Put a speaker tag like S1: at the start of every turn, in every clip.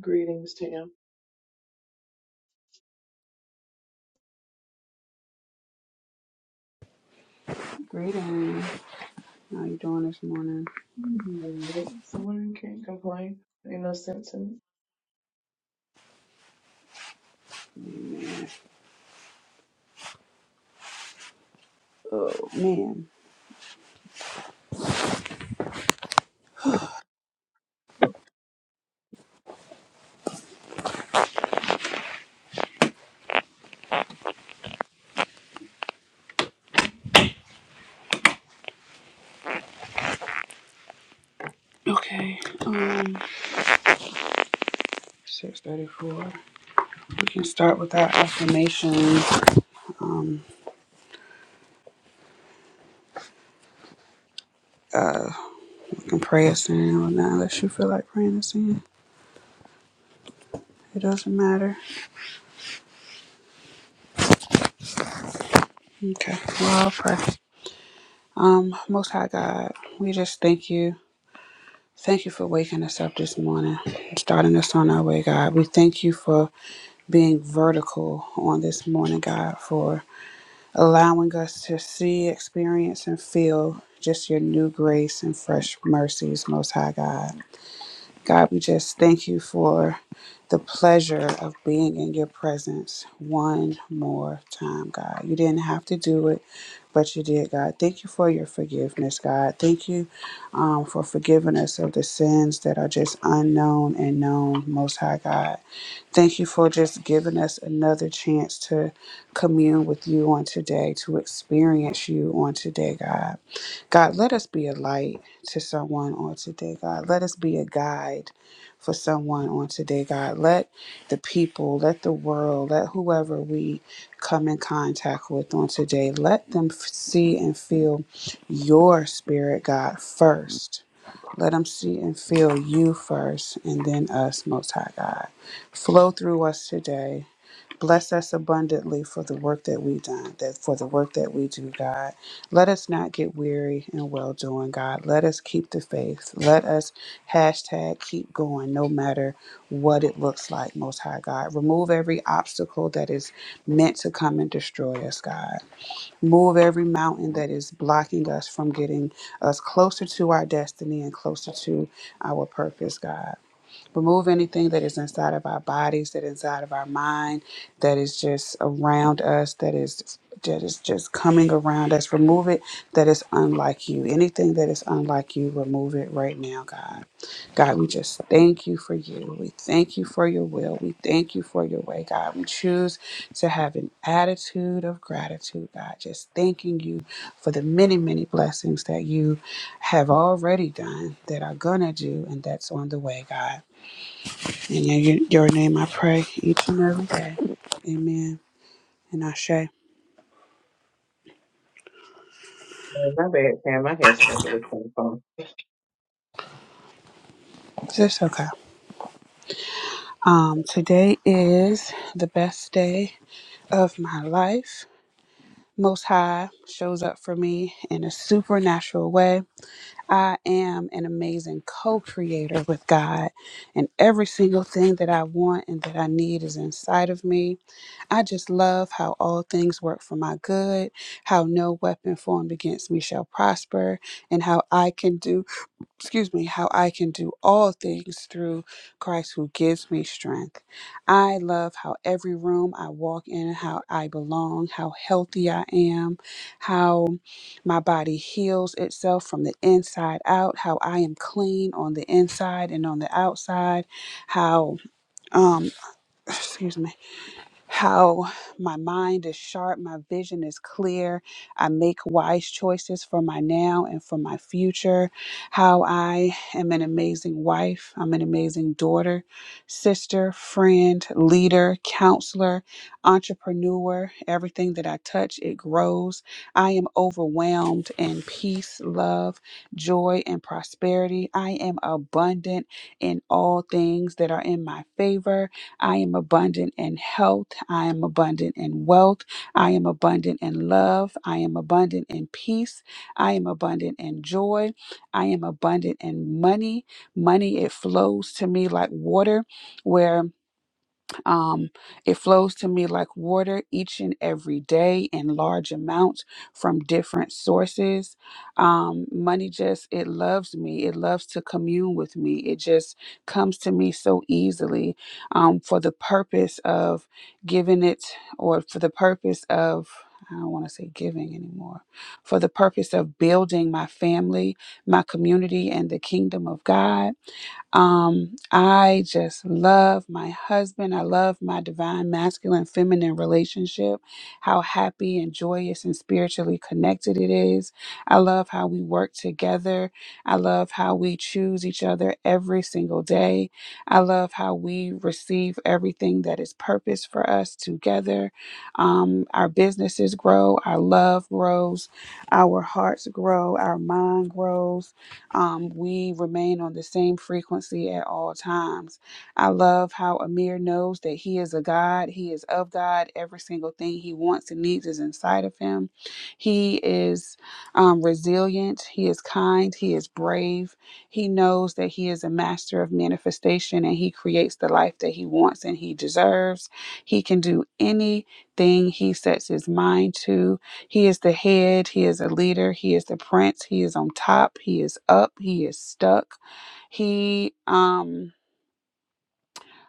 S1: Greetings, Tam.
S2: Greetings. How you doing this morning?
S1: Mhm. Someone can't complain. Ain't no sense in
S2: Oh man. Okay. Um, six thirty-four. We can start with our affirmations. Um, we can pray us in or not, unless you feel like praying us in. It doesn't matter. Okay. Well, I'll pray. Um, Most High God, we just thank you. Thank you for waking us up this morning, starting us on our way, God. We thank you for being vertical on this morning, God, for allowing us to see, experience, and feel just your new grace and fresh mercies, Most High God. God, we just thank you for the pleasure of being in your presence one more time, God. You didn't have to do it, but you did, God. Thank you for your forgiveness, God. Thank you um, for forgiving us of the sins that are just unknown and known, Most High God. Thank you for just giving us another chance to commune with you on today, to experience you on today, God. God, let us be a light to someone on today, God. Let us be a guide for someone on today, God. Let the people, let the world, let whoever we come in contact with on today, let them f- see and feel your spirit, God, first. Let them see and feel you first and then us, Most High God. Flow through us today. Bless us abundantly for the work that we done, that for the work that we do, God. Let us not get weary in well doing, God. Let us keep the faith. Let us hashtag keep going, no matter what it looks like, Most High God. Remove every obstacle that is meant to come and destroy us, God. Move every mountain that is blocking us from getting us closer to our destiny and closer to our purpose, God. Remove anything that is inside of our bodies, that is inside of our mind, that is just around us, that is that is just coming around us. Remove it that is unlike you. Anything that is unlike you, remove it right now, God. God, we just thank you for you. We thank you for your will. We thank you for your way, God. We choose to have an attitude of gratitude, God. Just thanking you for the many, many blessings that you have already done, that are gonna do, and that's on the way, God in your your name I pray each and every day. Amen. And Ashe.
S1: it. Oh, My bad, Tam. I had stepped away from the phone.
S2: It's okay. Um, today is the best day of my life. Most High shows up for me in a supernatural way. I am an amazing co creator with God, and every single thing that I want and that I need is inside of me. I just love how all things work for my good, how no weapon formed against me shall prosper, and how I can do excuse me, how I can do all things through Christ who gives me strength. I love how every room I walk in, how I belong, how healthy I am, how my body heals itself from the inside out, how I am clean on the inside and on the outside, how um excuse me how my mind is sharp, my vision is clear. I make wise choices for my now and for my future. How I am an amazing wife, I'm an amazing daughter, sister, friend, leader, counselor, entrepreneur. Everything that I touch, it grows. I am overwhelmed in peace, love, joy, and prosperity. I am abundant in all things that are in my favor. I am abundant in health. I am abundant in wealth. I am abundant in love. I am abundant in peace. I am abundant in joy. I am abundant in money. Money, it flows to me like water, where um, it flows to me like water each and every day in large amounts from different sources. Um, money just, it loves me. It loves to commune with me. It just comes to me so easily um, for the purpose of giving it or for the purpose of. I don't want to say giving anymore. For the purpose of building my family, my community, and the kingdom of God. Um, I just love my husband. I love my divine masculine feminine relationship, how happy and joyous and spiritually connected it is. I love how we work together. I love how we choose each other every single day. I love how we receive everything that is purpose for us together. Um, our businesses grow, our love grows, our hearts grow, our mind grows um, we remain on the same frequency at all times. I love how Amir knows that he is a God, he is of God. Every single thing he wants and needs is inside of him. He is um, resilient, he is kind, he is brave. He knows that he is a master of manifestation and he creates the life that he wants and he deserves. He can do anything he sets his mind to. He is the head, he is a leader, he is the prince, he is on top, he is up, he is stuck. He um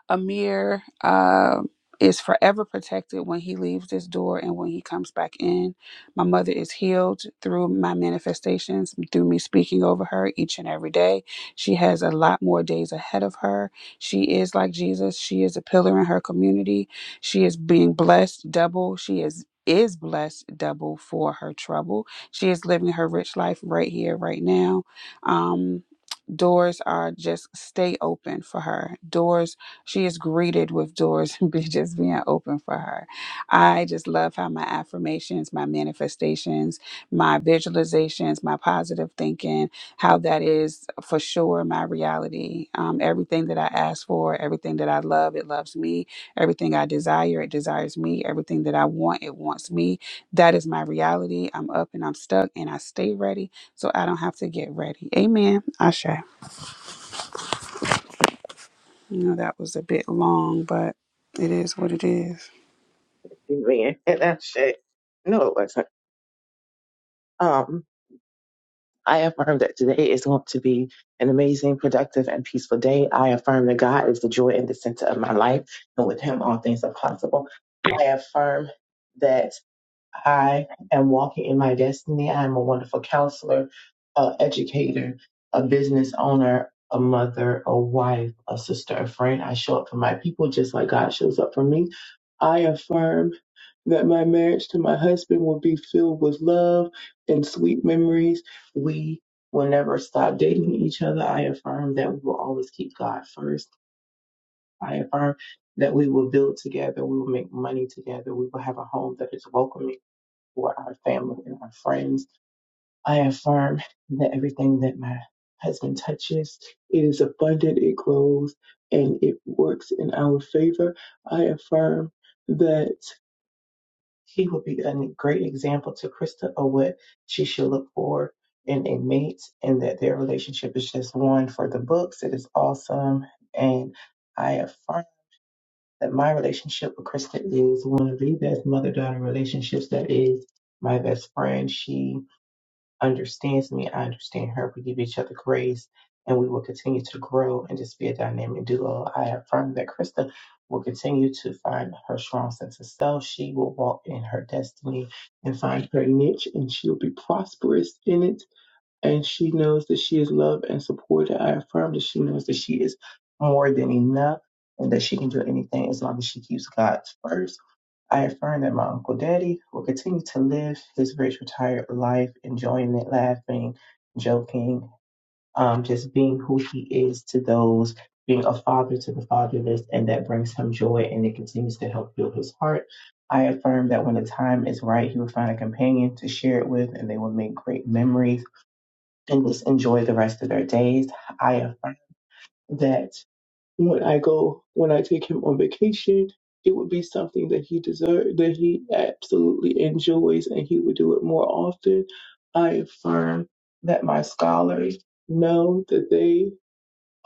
S2: Amir uh, is forever protected when he leaves this door and when he comes back in. My mother is healed through my manifestations, through me speaking over her each and every day. She has a lot more days ahead of her. She is like Jesus. She is a pillar in her community. She is being blessed double. She is is blessed double for her trouble. She is living her rich life right here, right now. Um, doors are just stay open for her. Doors she is greeted with doors just being open for her. I just love how my affirmations, my manifestations, my visualizations, my positive thinking, how that is for sure my reality. Um, everything that I ask for, everything that I love, it loves me. Everything I desire, it desires me. Everything that I want, it wants me. That is my reality. I'm up and I'm stuck and I stay ready so I don't have to get ready. Amen. Ashe. You know, that was a bit long, but it is what it is.
S1: You mean- That shit. No, it wasn't. Um, I affirm that today is going to be an amazing, productive, and peaceful day. I affirm that God is the joy and the center of my life, and with Him, all things are possible. I affirm that. I am walking in my destiny. I am a wonderful counselor, a educator, a business owner, a mother, a wife, a sister, a friend. I show up for my people just like God shows up for me. I affirm that my marriage to my husband will be filled with love and sweet memories. We will never stop dating each other. I affirm that we will always keep God first. I affirm that we will build together. We will make money together. We will have a home that is welcoming for our family and our friends. I affirm that everything that my husband touches, it is abundant, it grows, and it works in our favor. I affirm that he will be a great example to Krista of what she should look for in a mate, and that their relationship is just one for the books. It is awesome, and I affirm that my relationship with Krista is one of the best mother-daughter relationships that is my best friend. She understands me, I understand her. We give each other grace and we will continue to grow and just be a dynamic duo. I affirm that Krista will continue to find her strong sense of self. She will walk in her destiny and find her niche and she'll be prosperous in it. And she knows that she is loved and supported. I affirm that she knows that she is more than enough and that she can do anything as long as she keeps God first I affirm that my Uncle Daddy will continue to live his rich retired life, enjoying it, laughing, joking, um, just being who he is to those, being a father to the fatherless, and that brings him joy and it continues to help build his heart. I affirm that when the time is right, he will find a companion to share it with and they will make great memories and just enjoy the rest of their days. I affirm that when I go when I take him on vacation, it would be something that he deserves, that he absolutely enjoys, and he would do it more often. I affirm that my scholars know that they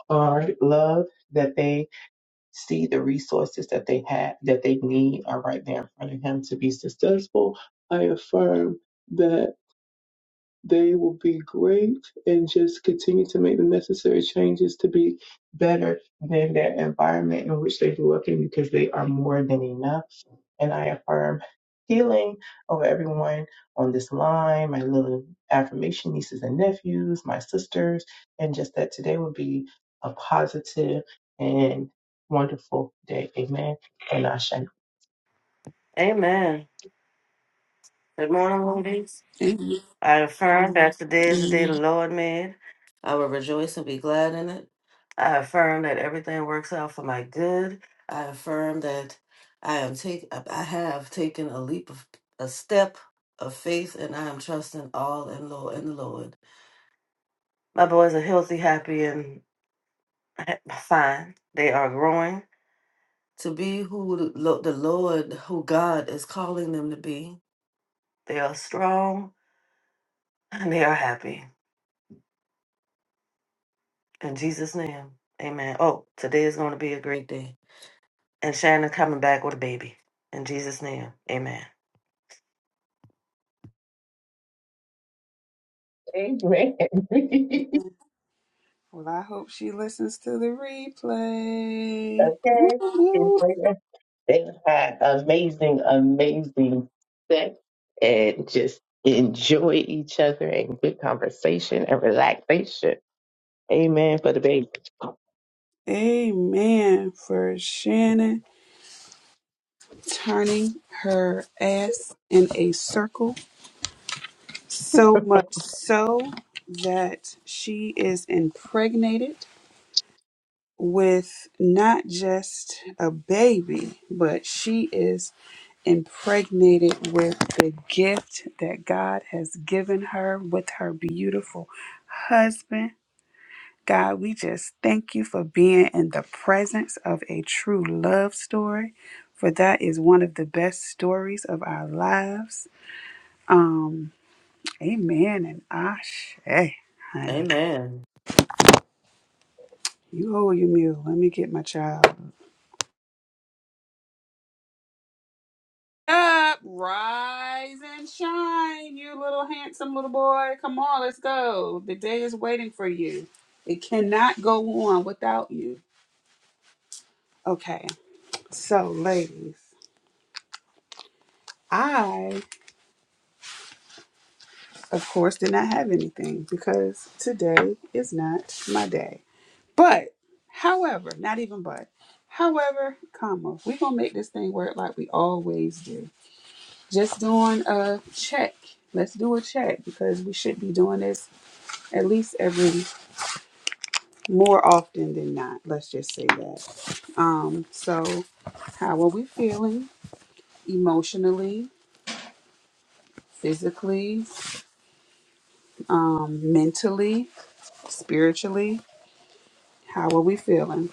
S1: are loved, that they see the resources that they have, that they need are right there in front of him to be successful. I affirm that. They will be great and just continue to make the necessary changes to be better than their environment in which they grew up in because they are more than enough. And I affirm healing over everyone on this line, my little affirmation nieces and nephews, my sisters, and just that today will be a positive and wonderful day. Amen. And I shall.
S3: Amen. Good morning, ladies.
S2: Amen.
S3: I affirm that today is the day the Lord made. I will rejoice and be glad in it. I affirm that everything works out for my good. I affirm that I am take I have taken a leap of a step of faith and I am trusting all in Lord in the Lord. My boys are healthy, happy, and ha- fine. They are growing to be who the Lo- the Lord, who God is calling them to be. They are strong and they are happy. In Jesus' name, amen. Oh, today is going to be a great day. And Shannon coming back with a baby. In Jesus' name, amen.
S1: Amen. okay.
S2: Amen. Well, I hope she listens to the replay.
S1: It's
S2: Woo-hoo.
S1: like They had amazing, amazing sex and just enjoy each other and good conversation and relaxation. Amen for the baby.
S2: Amen for Shannon turning her ass in a circle so much so that she is impregnated with not just a baby, but she is impregnated with the gift that God has given her with her beautiful husband. God, we just thank you for being in the presence of a true love story, for that is one of the best stories of our lives. Um, amen and ashe, honey.
S3: Amen.
S2: You hold your mule. Let me get my child. up, rise and shine, you little handsome little boy. Come on, let's go. The day is waiting for you. It cannot go on without you. Okay, so ladies, I, of course, did not have anything because today is not my day. But, however, not even but, however, comma, we're going to make this thing work like we always do. Just doing a check. Let's do a check because we should be doing this at least every more often than not. Let's just say that. Um, so, how are we feeling emotionally, physically, um, mentally, spiritually? How are we feeling?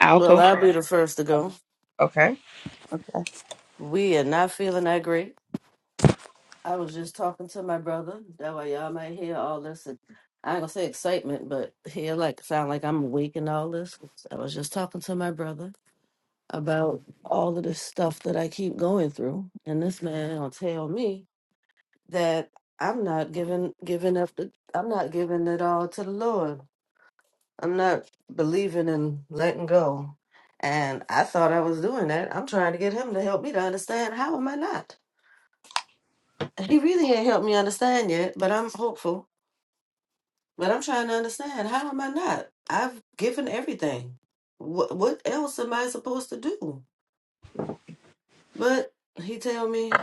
S2: I'll
S3: Well,
S2: go
S3: I'll be the
S2: first.
S3: first to go.
S2: Oh, okay.
S3: We are not feeling that great. I was just talking to my brother. That way y'all might hear all this. And I ain't gonna say excitement, but hear like sound like I'm awake and all this. I was just talking to my brother about all of this stuff that I keep going through, and this man gonna tell me that I'm not giving giving up the I'm not giving it all to the Lord. I'm not believing in letting go. And I thought I was doing that. I'm trying to get him to help me to understand. How am I not? He really ain't helped me understand yet, but I'm hopeful But I'm trying to understand how am I not? I've given everything. What what else am I supposed to do? But he tell me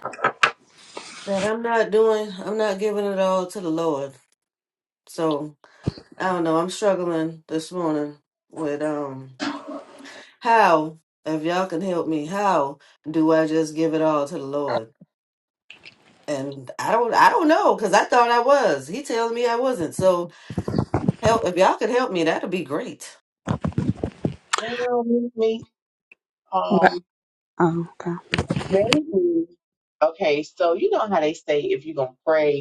S3: that I'm not doing. I'm not giving it all to the Lord. So I don't know. I'm struggling this morning with um how if y'all can help me how do I just give it all to the Lord? And I don't I don't know because I thought I was. He tells me I wasn't. So help if y'all could help me, that'd be great.
S1: Well, meet me.
S2: Well,
S1: Um,
S2: oh, okay.
S1: maybe. Okay, so you know how they say if you're gonna pray.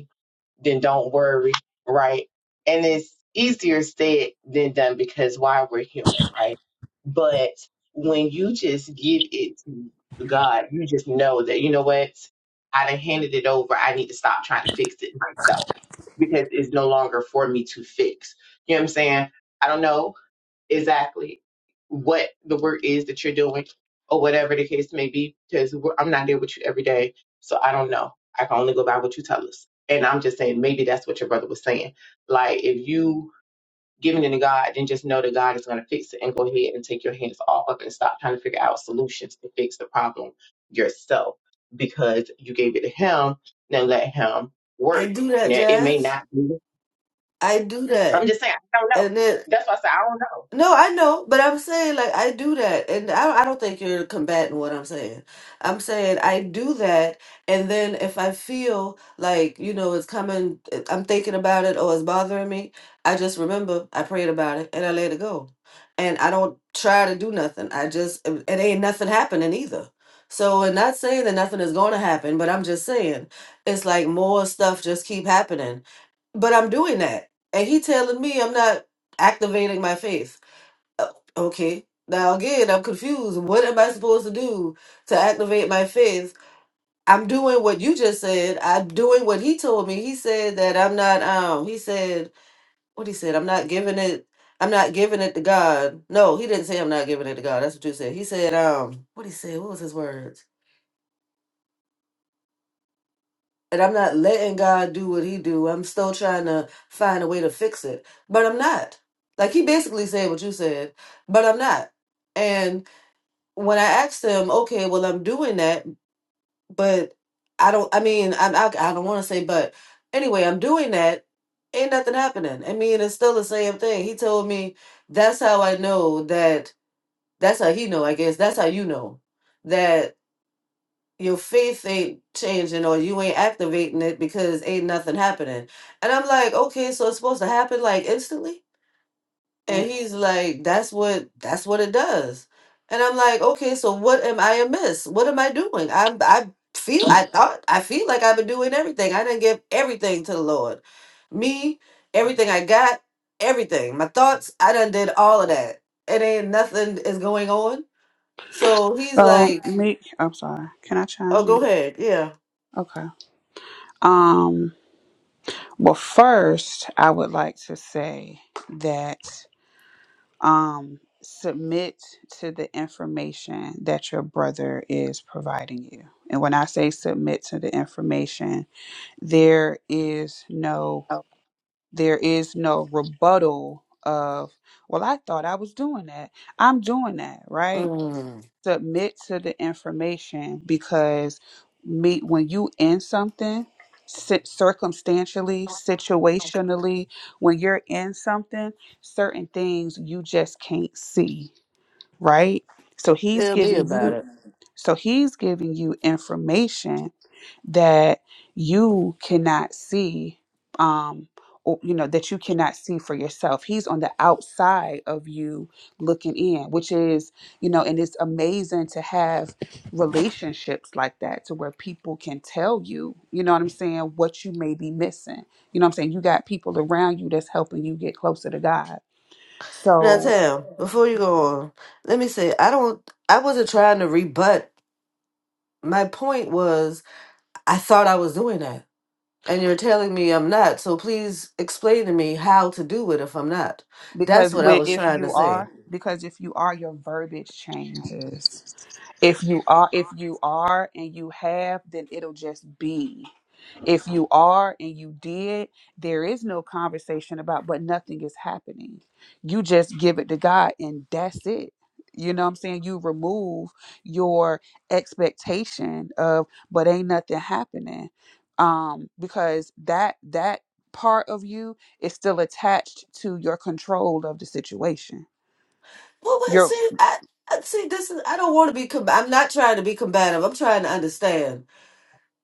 S1: then don't worry, right? And it's easier said than done because why we're human, right? But when you just give it to God, you just know that, you know what? I done handed it over. I need to stop trying to fix it myself because it's no longer for me to fix. You know what I'm saying? I don't know exactly what the work is that you're doing or whatever the case may be because we're- i'm not there with you every day so i don't know i can only go by what you tell us and i'm just saying maybe that's what your brother was saying like if you giving it to god then just know that god is going to fix it and go ahead and take your hands off of it and stop trying to figure out solutions to fix the problem yourself because you gave it to him now let him
S3: I
S1: work
S3: do that,
S1: now it may
S3: Jazz.
S1: not be
S3: I do that.
S1: i'm just saying i don't know
S3: and it
S1: that's why i say i
S3: no, I know, but I'm saying like I do that, and I I don't think you're combating what I'm saying. I'm saying I do that, and then if I feel like you know it's coming, eh, I'm thinking about it or it's bothering me, I just remember I prayed about it and I let it go, and I don't try to do nothing. I just it it ain't nothing happening either. So I'm not saying that nothing is going to happen, but I'm just saying it's like more stuff just keep happening, but I'm doing that, and he telling me I'm not activating my faith. Uh, Okay. Now again, I'm confused. What am I supposed to do to activate my faith? I'm doing what you just said. I'm doing what he told me. He said that I'm not um he said what he said, I'm not giving it I'm not giving it to God. No, he didn't say I'm not giving it to God. That's what you said. He said, um, what he said, what was his words? And I'm not letting God do what he do. I'm still trying to find a way to fix it. But I'm not. Like he basically said what you said, but I'm not. when I asked them, okay, well, I'm doing that, but I don't, I mean, I, I, I don't want to say, but anyway, I'm doing that. Ain't nothing happening. I mean, it's still the same thing. He told me that's how I know that, that's how he know, I guess, that's how you know that your faith ain't changing or you ain't activating it because ain't nothing happening. And I'm like, okay, so it's supposed to happen like instantly?
S1: don't know
S3: And he's like, that's what that's what it does. And I'm like, okay, so what am I amiss? What am I doing? I'm I feel I thought I feel like I've been doing everything. I didn't give everything to the Lord. Me, everything I got, everything. My thoughts, I done did all of that. It ain't nothing is going on. So he's
S2: So,
S3: like,
S2: me, I'm sorry. Can I chime
S3: Oh,
S2: in?
S3: go ahead. Yeah.
S2: Okay. Um. Well, first, I would like to say that. um, submit to the information that your brother is providing you. And when I say submit to the information, there is no there is no rebuttal of well I thought I was doing that. I'm doing that, right?
S3: Mm,
S2: Submit to the information because me when you in something sit circumstantially, situationally, when you're in something, certain things you just can't see right? So he's
S3: tell me
S2: giving
S3: about
S2: you
S3: it.
S2: so he's giving you information that you cannot see um or you know that you cannot see for yourself. He's on the outside of you looking in, which is, you know, and it's amazing to have relationships like that to where people can tell you, you know what I'm saying, what you may be missing. You know what I'm saying? You got people around you that's helping you get closer to God.
S3: Now,
S2: So
S3: Tam, before you go on, let me say, I don't, I wasn't trying to rebut my point was I thought I was doing that. And you're telling me I'm not. So please explain to me how to do it if I'm not. That's
S2: because
S3: what I
S2: when
S3: was
S2: if
S3: trying to
S2: you
S3: say.
S2: are because if you are your verbiage changes if you are if you are and you have then it'll just be if you are and you did there is no conversation about but nothing is happening you just give it to god and that's it you know what i'm saying you remove your expectation of but ain't nothing happening um because that that part of you is still attached to your control of the situation
S3: Well, wait,
S2: your
S3: see, I, I see this is I don't want to be com- I'm not trying to be combative. I'm trying to understand.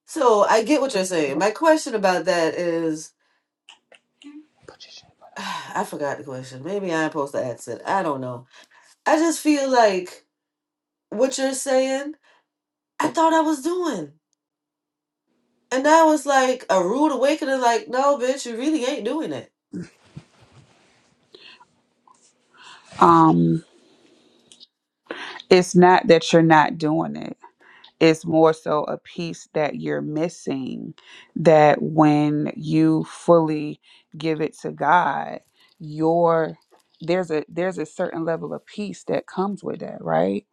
S3: So I get what you're saying. My question about that is I forgot the question. Maybe I'm supposed to ask it. I don't know. I just feel like what you're saying, I thought I was doing. And that was like a rude awakening, like, no, bitch, you really ain't doing it.
S2: um it's not that you're not doing it It's more so a piece that you're missing that when you fully give it to God, your there's a there's a certain level of peace that comes with that, right?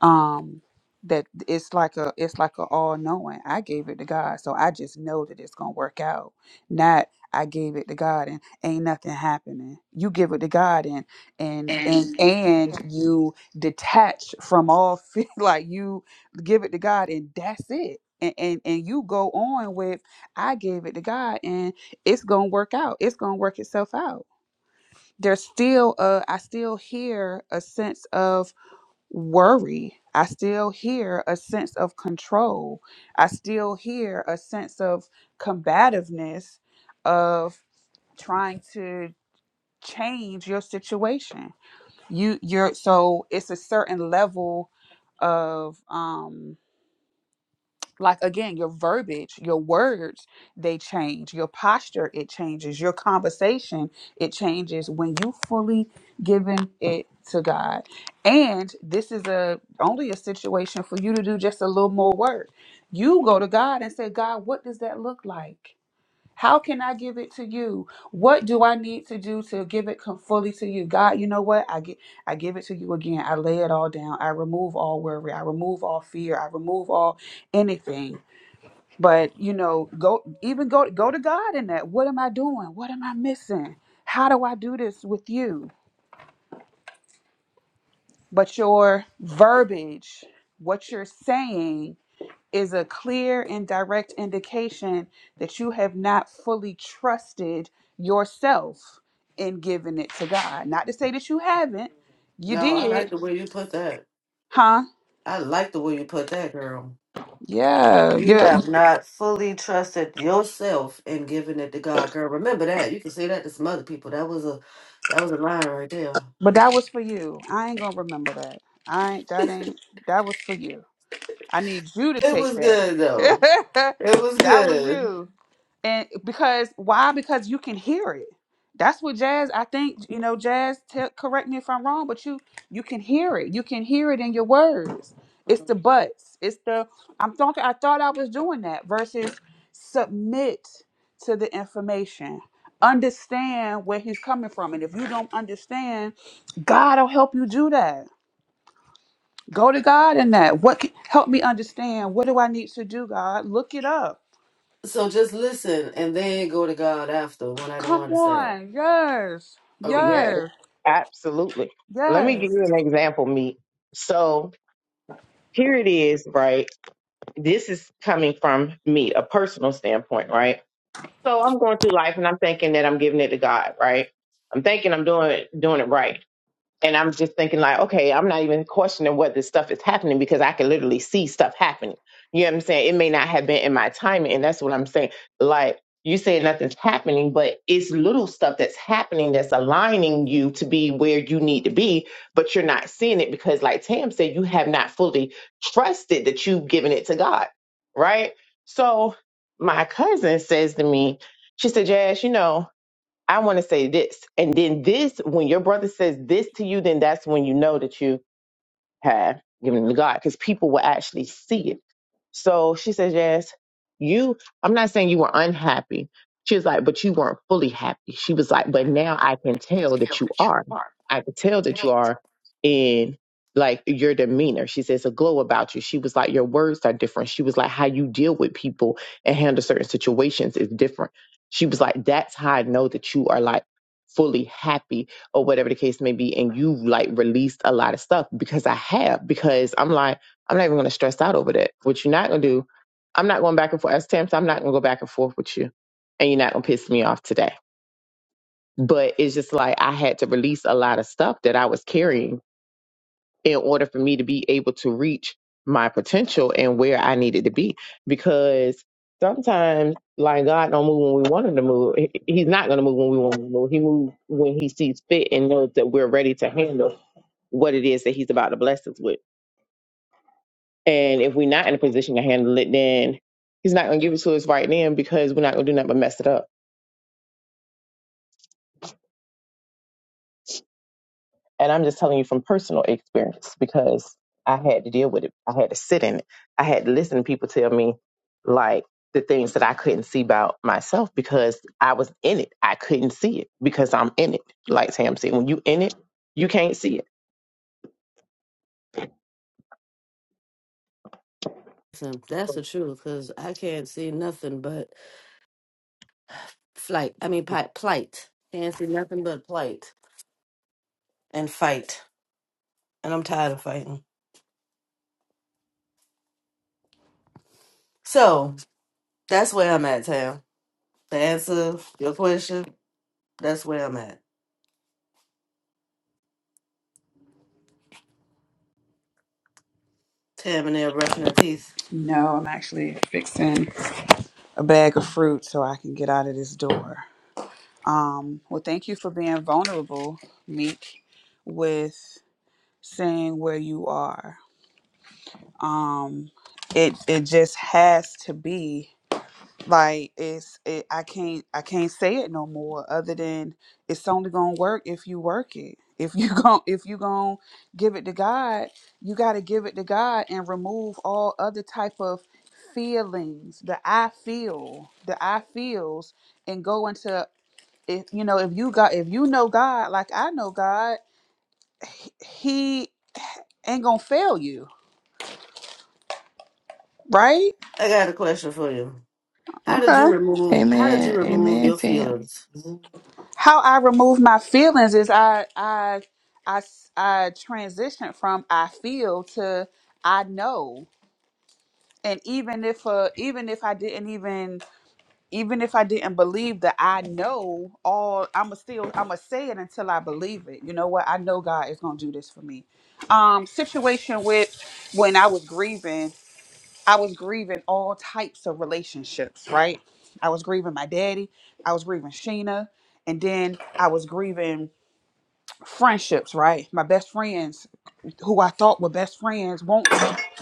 S2: um that it's like a it's like a all knowing i gave it to god so i just know that it's gonna work out not i gave it to god and ain't nothing happening you give it to god and and and and you detach from all fe- like you give it to god and that's it and, and and you go on with i gave it to god and it's gonna work out it's gonna work itself out there's still uh I still hear a sense of worry. I still hear a sense of control. I still hear a sense of combativeness, of trying to change your situation. You you're so it's a certain level of um like again your verbiage your words they change your posture it changes your conversation it changes when you fully giving it to god and this is a only a situation for you to do just a little more work you go to god and say god what does that look like how can i give it to you what do i need to do to give it com- fully to you god you know what i get i give it to you again i lay it all down i remove all worry i remove all fear i remove all anything but you know go even go go to god in that what am i doing what am i missing how do i do this with you but your verbiage what you're saying is a clear and direct indication that you have not fully trusted yourself in giving it to god not to say that you haven't you
S3: No, I
S2: did
S3: like the way you put that.
S2: huh
S3: I like the way you put that, girl.
S2: yeah
S3: You
S2: yeah
S3: have not fully trusted yourself in giving it to God, girl. Remember that. You can say that to some other people. That was a that was a line right there.
S2: but that was for you i ain't gonna remember that i ain't that ain't that was for you I need you to
S3: It
S2: take
S3: was
S2: that.
S3: good though. It was
S2: that was
S3: good.
S2: you. And because why? Because you can hear it. That's what jazz. I think you know jazz. Te- correct me if I'm wrong, but you you can hear it. You can hear it in your words. It's the buts. It's the I'm talking. I thought I was doing that versus submit to the information. Understand where he's coming from, and if you don't understand, God will help you do that. Go to God in that. What can, help me understand? What do I need to do, God? Look it up.
S3: So just listen and then go to God after when I don't
S2: Come
S3: want to say it.
S2: on. Yes.
S3: Okay.
S1: Yes,
S2: Yes.
S1: absolutely. Let me give
S2: Yes.
S1: you an example, me. So here it is, right? This is coming from me, a personal standpoint, right? So I'm going through life and I'm thinking that I'm giving it to God, right? I'm thinking I'm doing it, doing it right. And I'm just thinking like, okay, I'm not even questioning what this stuff is happening because I can literally see stuff happening. You know what I'm saying? It may not have been in my timing, and that's what I'm saying. Like you say nothing's happening, but it's little stuff that's happening that's aligning you to be where you need to be, but you're not seeing it because, like Tam said, you have not fully trusted that you've given it to God, right? So my cousin says to me, she said, Jazz, you know. I want to say this. And then this, when your brother says this to you, then that's when you know that you had given to God because people will actually see it. So she says, Yes, you, I'm not saying you were unhappy. She was like, But you weren't fully happy. She was like, But now I can tell that you are. I can tell that you are in like your demeanor. She says, A glow about you. She was like, Your words are different. She was like, How you deal with people and handle certain situations is different. She was like, That's how I know that you are like fully happy or whatever the case may be, and you've like released a lot of stuff because I have, because I'm like, I'm not even gonna stress out over that. What you're not gonna do, I'm not going back and forth. As Tamsin, I'm not gonna go back and forth with you. And you're not gonna piss me off today. But it's just like I had to release a lot of stuff that I was carrying in order for me to be able to reach my potential and where I needed to be. Because sometimes like God don't move when we want him to move. He- He's not gonna move when we want him to move. He moves when he sees fit and knows that we're ready to handle what it is that he's about to bless us with. And if we're not in a position to handle it, then he's not going to give it to us right then because we're not going to do nothing but mess it up. And I'm just telling you from personal experience because I had to deal with it. I had to sit in it. I had to listen to people tell me like the things that I couldn't see about myself because I was in it. I couldn't see it because I'm in it. Like Sam said, when you in it, you can't see it.
S3: Listen, that's the truth, because I can't see nothing but flight. I mean, pi- plight. Can't see nothing but plight and fight. And I'm tired of fighting. So that's where I'm at, Tam. To answer your question, that's where I'm at. Tam and there brushing her teeth.
S2: No, I'm actually fixing a bag of fruit so I can get out of this door. Um, well, thank you for being vulnerable, Meek, with saying where you are. Um, it it just has to be. like it's it, i can't i can't say it no more other than it's only gonna work if you work it if you gon' if you gonna give it to god you gotta give it to god and remove all other type of feelings the i feel the i feels and go into if you know if you got if you know god like i know god he he ain't gonna fail you right
S3: I got a question for you. How did you
S2: okay
S3: remove? How did you
S4: Amen.
S3: remove
S4: Amen,
S3: your
S4: Tam.
S3: feelings?
S2: how I remove my feelings is I I I I transition from I feel to I know, and even if uh even if I didn't even even if I didn't believe that I know all, I'ma still I'ma say it until I believe it. You know what? I know God is gonna do this for me. Um, situation with when I was grieving, I was grieving all types of relationships. Right, I was grieving my daddy. I was grieving Sheena and then I was grieving friendships, right? My best friends, who I thought were best friends, won't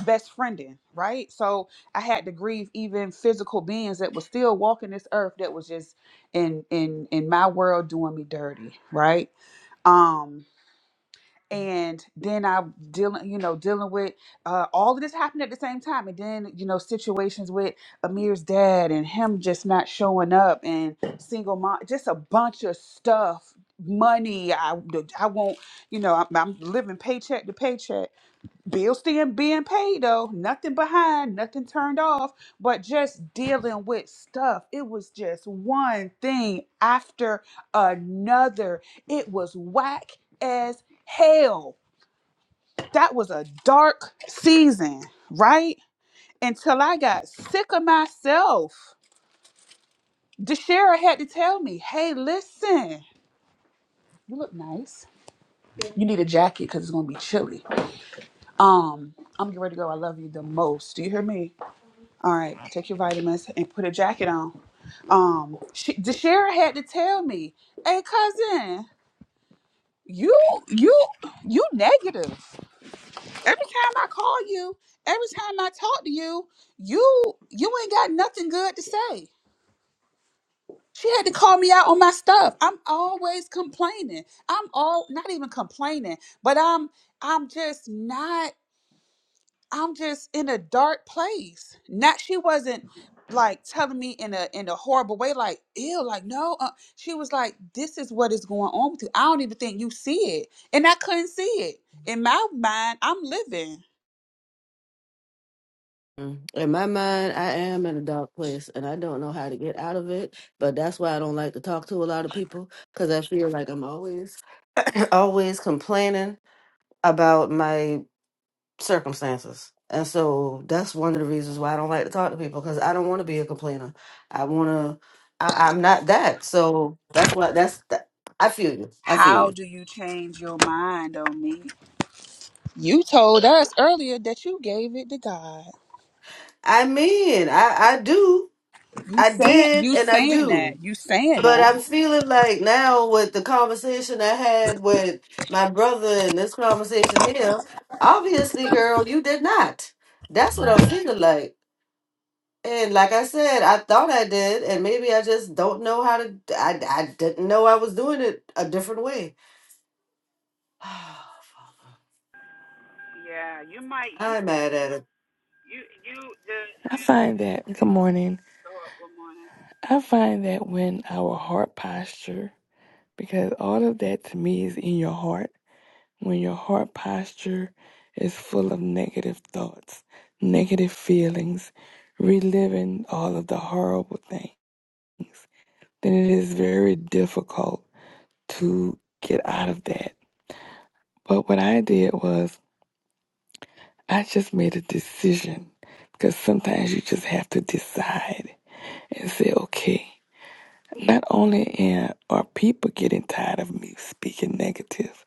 S2: best friending, right? So I had to grieve even physical beings that were still walking this earth that was just in in in my world doing me dirty, right? Um, and then I'm dealing, you know, dealing with uh, all of this happened at the same time, and then you know situations with Amir's dad and him just not showing up, and single mom, just a bunch of stuff, money. I I won't, you know, I'm, I'm living paycheck to paycheck Bills still being paid though. Nothing behind, nothing turned off, but just dealing with stuff. It was just one thing after another. It was whack as hell. That was a dark season, right? Until I got sick of myself. DeShera had to tell me, hey, listen, you look nice. You need a jacket because it's gonna be chilly. Um, I'm getting ready to go. I love you the most. Do you hear me? All right, take your vitamins and put a jacket on. Um, she, DeShera had to tell me, "Hey, cousin, you, you, you negative. Every time I call you, every time I talk to you, you, you ain't got nothing good to say." She had to call me out on my stuff. I'm always complaining. I'm all not even complaining, but I'm, I'm just not. I'm just in a dark place. Not she wasn't like telling me in a in a horrible way, like ew, like no. Uh, she was like, "This is what is going on with you. I don't even think you see it." And I couldn't see it. In my mind, I'm living.
S3: Mm. In my mind, I am in a dark place and I don't know how to get out of it. But that's why I don't like to talk to a lot of people because I feel like I'm always, always complaining about my circumstances. And so that's one of the reasons why I don't like to talk to people because I don't want to be a complainer. I want to, I, I'm not that. So that's why, that's, that, I feel you. I feel
S2: How
S3: you.
S2: do you change your mind on me? You told us earlier that you gave it to God.
S3: I mean, I, I do.
S2: You
S3: I
S2: saying
S3: did
S2: you
S3: and I
S2: saying
S3: do.
S2: that. You saying
S3: But
S2: that.
S3: I'm feeling like now with the conversation I had with my brother and this conversation here, obviously, girl, you did not. That's what I'm feeling like. And like I said, I thought I did, and maybe I just don't know how to. I, I didn't know I was doing it a different way. I'm
S2: Yeah, you might you
S3: mad at it.
S2: you you just.
S4: I find that, good morning.
S2: Go up one morning.
S4: I find that when our heart posture, because all of that to me is in your heart, when your heart posture is full of negative thoughts, negative feelings, reliving all of the horrible things, then it is very difficult to get out of that. But what I did was I just made a decision because sometimes you just have to decide And say, okay? Not only am- are people getting tired of me speaking negative,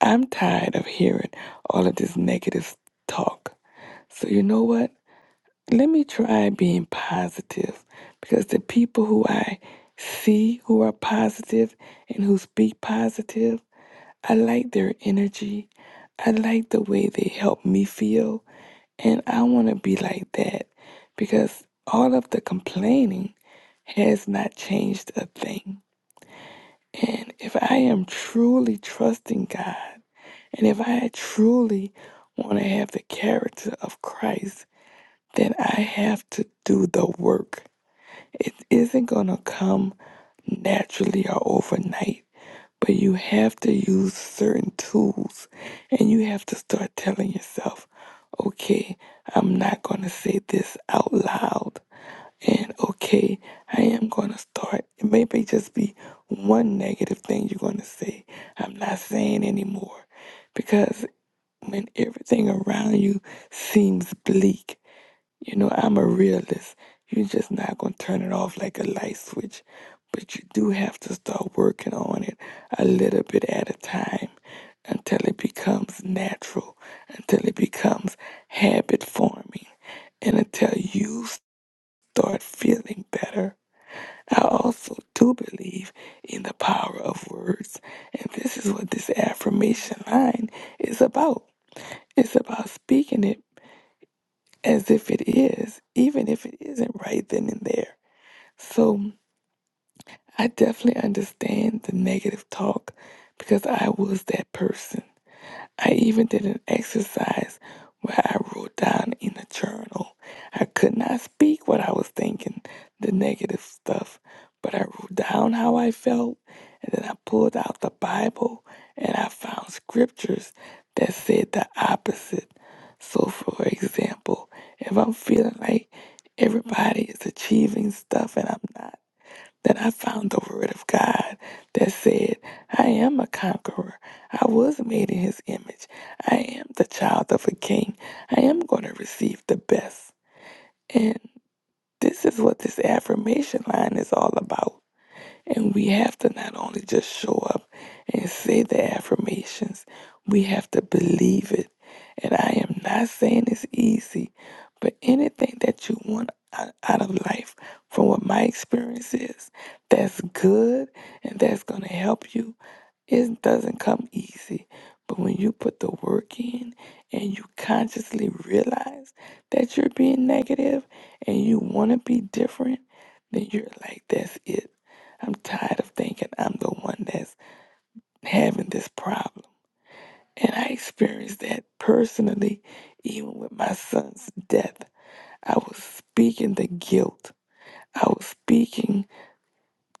S4: I'm tired of hearing all of this negative talk. So, you know what? Let me try being positive because the people who I see who are positive and who speak positive, I like their energy. I like the way they help me feel. And I want to be like that because all of the complaining has not changed a thing. And if I am truly trusting God, and if I truly want to have the character of Christ, then I have to do the work. It isn't going to come naturally or overnight. But you have to use certain tools and you have to start telling yourself, okay, I'm not going to say this out loud. And okay, I am going to start. It may be just be one negative thing you're going to say. I'm not saying anymore. Because when everything around you seems bleak, you know, I'm a realist. You're just not going to turn it off like a light switch, but you do have to start working on it a little bit at a time until it becomes natural, until it becomes habit forming, and until you start feeling better. I also do believe in the power of words, and this is what this affirmation line is about. It's about speaking it as if it is, even if it isn't right then and there. So I definitely understand the negative talk because I was that person. I even did an exercise where I wrote down in a journal. I could not speak what I was thinking, the negative stuff, but I wrote down how I felt, and then I pulled out the Bible and I found scriptures that said the opposite. So, for example, if I'm feeling like everybody is achieving stuff and I'm not. Then I found the word of God that said, I am a conqueror. I was made in his image. I am the child of a king. I am going to receive the best. And this is what this affirmation line is all about. And we have to not only just show up and say the affirmations, we have to believe it. And I am not saying it's easy, but anything that you want o- out of life, from what my experience is, that's good and that's going to help you it doesn't come easy, but when you put the work in and you consciously realize that you're being negative and you want to be different, then you're like, that's it. I'm tired of thinking I'm the one that's having this problem. And I experienced that personally, even with my son's death. I was speaking the guilt, I was speaking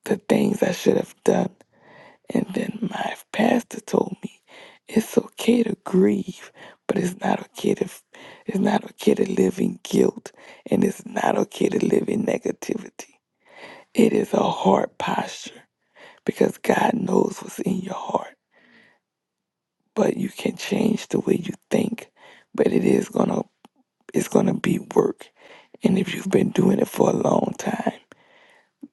S4: the things I should have done. And then my pastor told me it's okay to grieve, but it's not okay to it's not okay to live in guilt and it's not okay to live in negativity. It is a heart posture because God knows what's in your heart. But you can change the way you think, but it is gonna it's gonna be work. And if you've been doing it for a long time,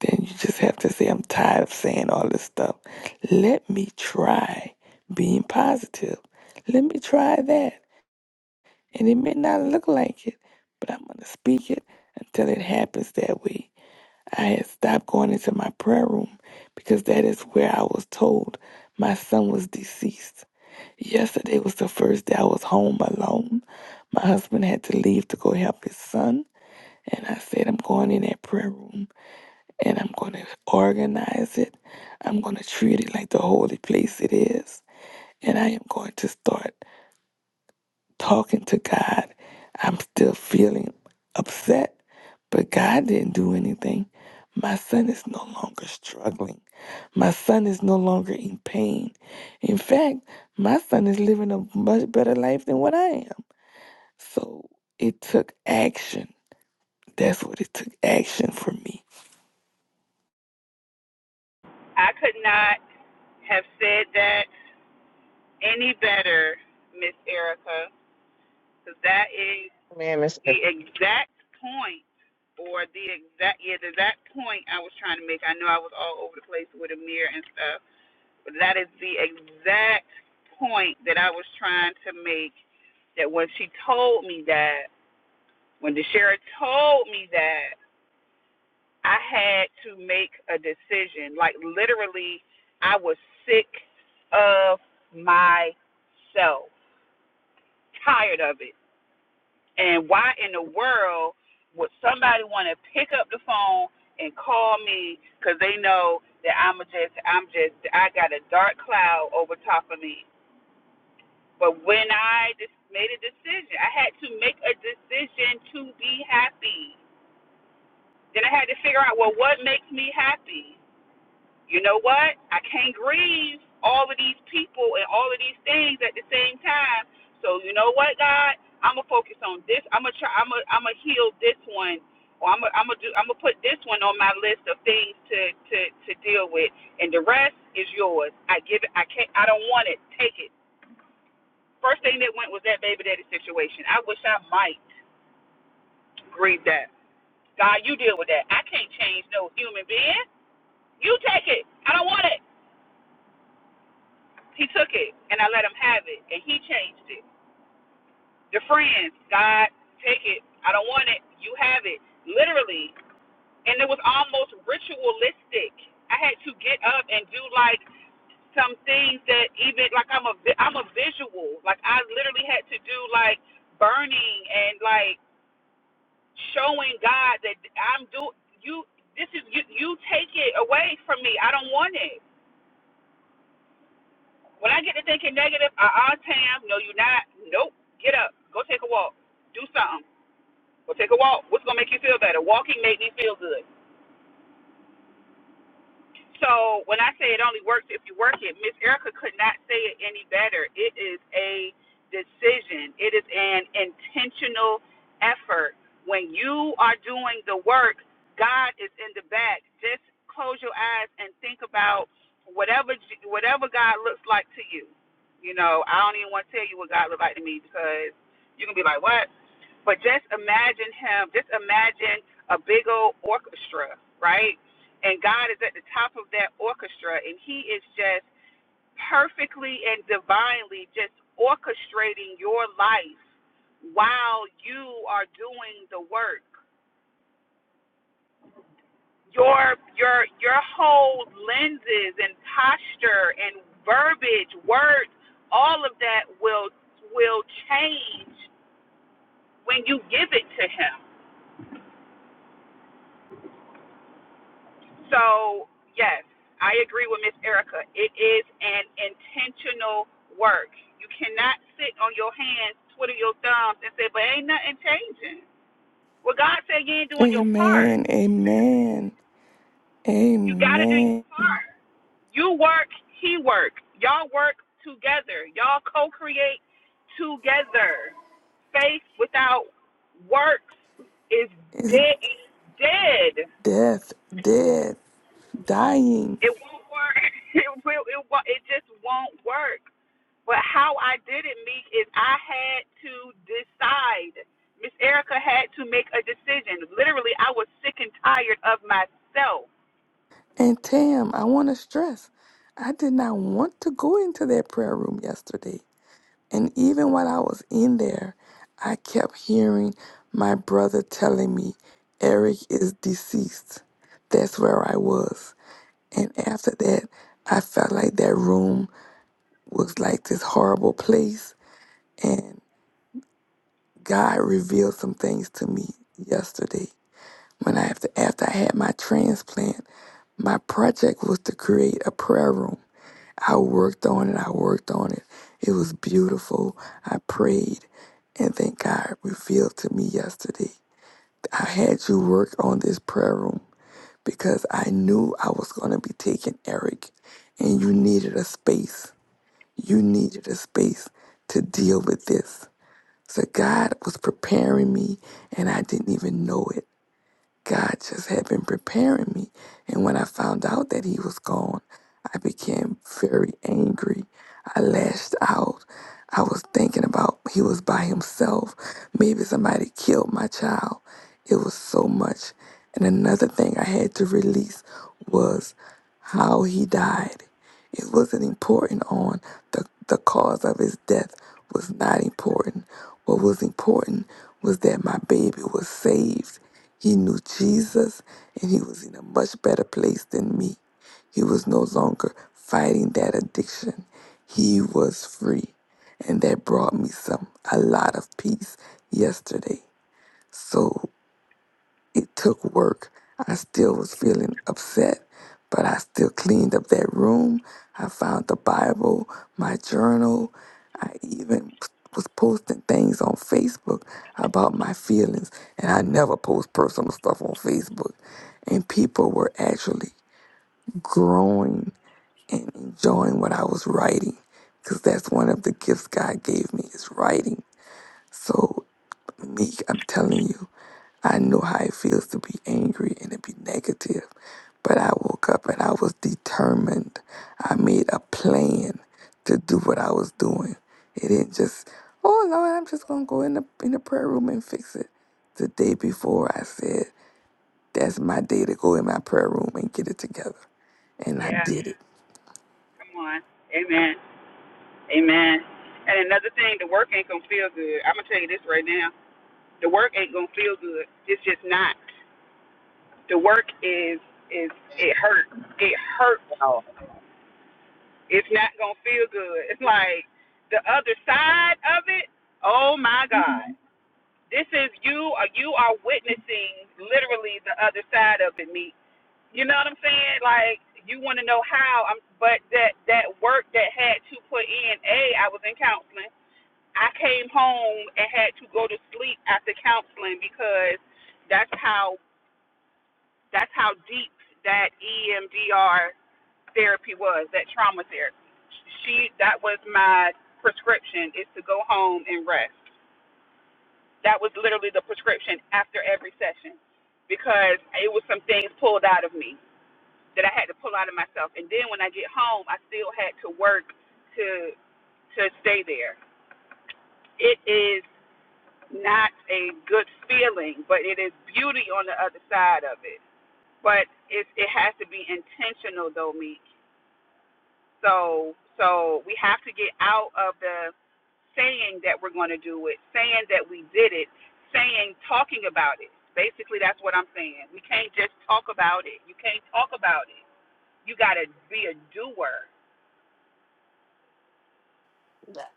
S4: Then you just have to say, I'm tired of saying all this stuff. Let me try being positive. Let me try that. And it may not look like it, but I'm going to speak it until it happens that way. I had stopped going into my prayer room because that is where I was told my son was deceased. Yesterday was the first day I was home alone. My husband had to leave to go help his son. And I said, I'm going in that prayer room and I'm going to organize it. I'm going to treat it like the holy place it is. And I am going to start talking to God. I'm still feeling upset, but God didn't do anything. My son is no longer struggling. My son is no longer in pain. In fact, my son is living a much better life than what I am. So it took action. That's what it took action for me.
S2: I could not have said that any better, Miss Erica, because that is
S1: Man, Mister.
S2: the exact point, or the exact yeah, the exact point I was trying to make. I know I was all over the place with Amir and stuff, but that is the exact point that I was trying to make. That when she told me that, when Deshara told me that. I had to make a decision. Like literally, I was sick of myself, tired of it. And why in the world would somebody want to pick up the phone and call me? Because they know that I'm just, I'm just, I got a dark cloud over top of me. But when I just made a decision, I had to make a decision to be happy. Then I had to figure out, well, what makes me happy? you know what? I can't grieve all of these people and all of these things at the same time. So you know what, God? I'm gonna focus on this. I'm gonna try. I'm gonna. I'm gonna heal this one, or I'm gonna. I'm gonna do. I'm gonna put this one on my list of things to to to deal with, and the rest is yours. I give it. I can't. I don't want it. Take it. First thing that went was that baby daddy situation. I wish I might grieve that. God, you deal with that. I can't change no human being. You take it. I don't want it. He took it and I let him have it and he changed it. The friends, God, take it. I don't want it. You have it. Literally. And it was almost ritualistic. I had to get up and do like some things that even like I'm a am a visual. Like I literally had to do like burning and like showing God that I'm do you this is you you take it away from me. I don't want it. When I get to thinking negative, uh uh Tam, no you're not. Nope. Get up. Go take a walk. Do something. Go take a walk. What's gonna make you feel better? Walking made me feel good. So when I say it only works if you work it, Miss Erica could not say it any better. It is a decision. It is an intentional effort. When you are doing the work, God is in the back. Just close your eyes and think about whatever whatever God looks like to you. You know, I don't even want to tell you what God looked like to me because you can be like, "What?" But just imagine him, just imagine a big old orchestra, right? And God is at the top of that orchestra, and he is just perfectly and divinely just orchestrating your life while you are doing the work. Your your your whole lenses and posture and verbiage, words, all of that will will change when you give it to him So, yes, I agree with Miss Erica. It is an intentional work. You cannot sit on your hands, twiddle your thumbs, and say, but ain't nothing changing. Well, God said you ain't doing your part.
S4: Amen. Amen.
S2: You got to do your
S4: Amen.
S2: part. You work, He work. Y'all work together. Y'all co create together. Faith without works is
S4: It's
S2: dead. It's dead.
S4: death, dead, dying.
S2: It won't work. It will. It, it just won't work. But how I did it, Meek, is I had to decide. Miss Erica had to make a decision. Literally, I was sick and tired of myself.
S4: And Tam, I want to stress, I did not want to go into that prayer room yesterday. And even while I was in there, I kept hearing my brother telling me, Eric is deceased. That's where I was. And after that, I felt like that room was like this horrible place. And God revealed some things to me yesterday. When I after, after I had my transplant, my project was to create a prayer room. I worked on it. I worked on it. It was beautiful. I prayed, and then God revealed to me yesterday. I had you work on this prayer room because I knew I was going to be taking Eric, and you needed a space. You needed a space to deal with this. So God was preparing me, and I didn't even know it. God just had been preparing me. And when I found out that he was gone, I became very angry. I lashed out. I was thinking about he was by himself. Maybe somebody killed my child. It was so much. And another thing I had to release was how he died. It wasn't important on the, the cause of his death was not important. What was important was that my baby was saved he knew Jesus and he was in a much better place than me. He was no longer fighting that addiction. He was free. And that brought me some, a lot of peace yesterday. So it took work. I still was feeling upset, but I still cleaned up that room. I found the Bible, my journal. I even was posting things on Facebook about my feelings, and I never post personal stuff on Facebook. And people were actually growing and enjoying what I was writing because that's one of the gifts God gave me is writing. So, Meek, I'm telling you. I know how it feels to be angry and to be negative, but I woke up and I was determined. I made a plan to do what I was doing. It didn't just, oh Lord, I'm just gonna go in the in the prayer room and fix it. The day before, I said that's my day to go in my prayer room and get it together, and I
S2: Yeah,
S4: did it.
S2: come on. Amen. Amen. And another thing, the work ain't gonna feel good. I'm gonna tell you this right now. The work ain't gonna feel good. It's just not. The work is is it hurt. It hurts. It's not gonna feel good. It's like the other side of it. Oh my God. This is you or you are witnessing literally the other side of it, me. You know what I'm saying? Like you want to know how I'm but that that work that had to put in, A, I was in counseling. I came home and had to go to sleep after counseling because that's how that's how deep that EMDR therapy was, that trauma therapy. She that was my prescription is to go home and rest. That was literally the prescription after every session because it was some things pulled out of me that I had to pull out of myself. And then when I get home, I still had to work to to stay there. It is not a good feeling, but it is beauty on the other side of it. But it it has to be intentional though, Meek. So so we have to get out of the saying that we're going to do it, saying that we did it, saying talking about it. Basically, that's what I'm saying. We can't just talk about it. You can't talk about it. You got to be a doer.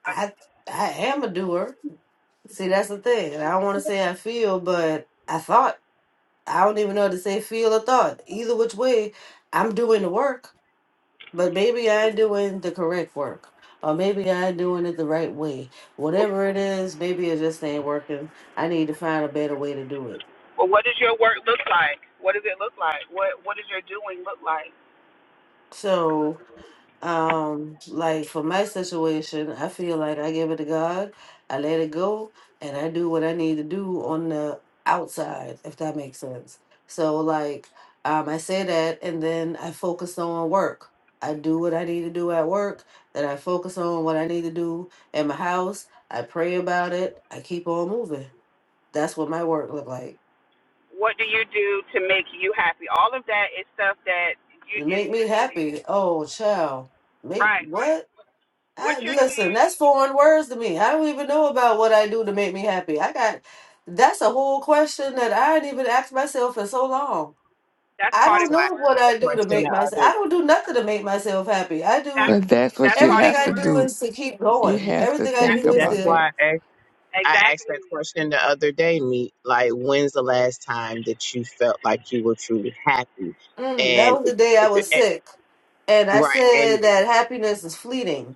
S3: I I am a doer. See, that's the thing. And I don't want to say I feel, but I thought I don't even know how to say feel or thought. Either which way, I'm doing the work. But maybe I doing the correct work, or maybe I doing it the right way. Whatever it is, maybe it just ain't working. I need to find a better way to do it.
S2: Well, what does your work look like? What does it look like? What What does your doing look like?
S3: So Um, like for my situation, I feel like I give it to God, I let it go, and I do what I need to do on the outside, if that makes sense. So, like, um, I say that, and then I focus on work. I do what I need to do at work, and I focus on what I need to do in my house. I pray about it. I keep on moving. That's what my work look like.
S2: What do you do to make you happy? All of that is stuff that you,
S3: You
S2: is
S3: make me happy. Oh, child, make
S2: right. What
S3: what?
S2: What
S3: I,
S2: you're
S3: listen,
S2: saying,
S3: that's foreign words to me. I don't even know about what I do to make me happy. I got that's a whole question that I didn't even ask myself for so long.
S2: that's
S3: I
S2: part
S1: That's
S2: of
S3: don't
S1: why I
S2: your
S1: asked
S3: know
S2: work.
S3: what
S1: the
S3: I do to
S1: question the
S3: make myself. I
S1: other.
S3: don't do nothing to make myself happy. I do
S2: That's
S4: But that's what
S2: that's
S4: you
S2: part of
S3: everything
S4: have
S2: your
S3: I
S4: to
S3: do
S4: do.
S2: work.
S3: is to keep
S4: You
S3: going.
S4: have to
S3: Everything I
S4: think
S3: do is
S1: That's
S4: about
S3: to.
S4: that
S1: why. I I asked that
S2: Exactly.
S1: question the other day, me like, when's the last time that you felt like you were truly happy?
S3: Mm, that
S1: And,
S3: was the day I was
S1: and
S3: sick, and I
S1: right, and
S3: said that happiness is fleeting.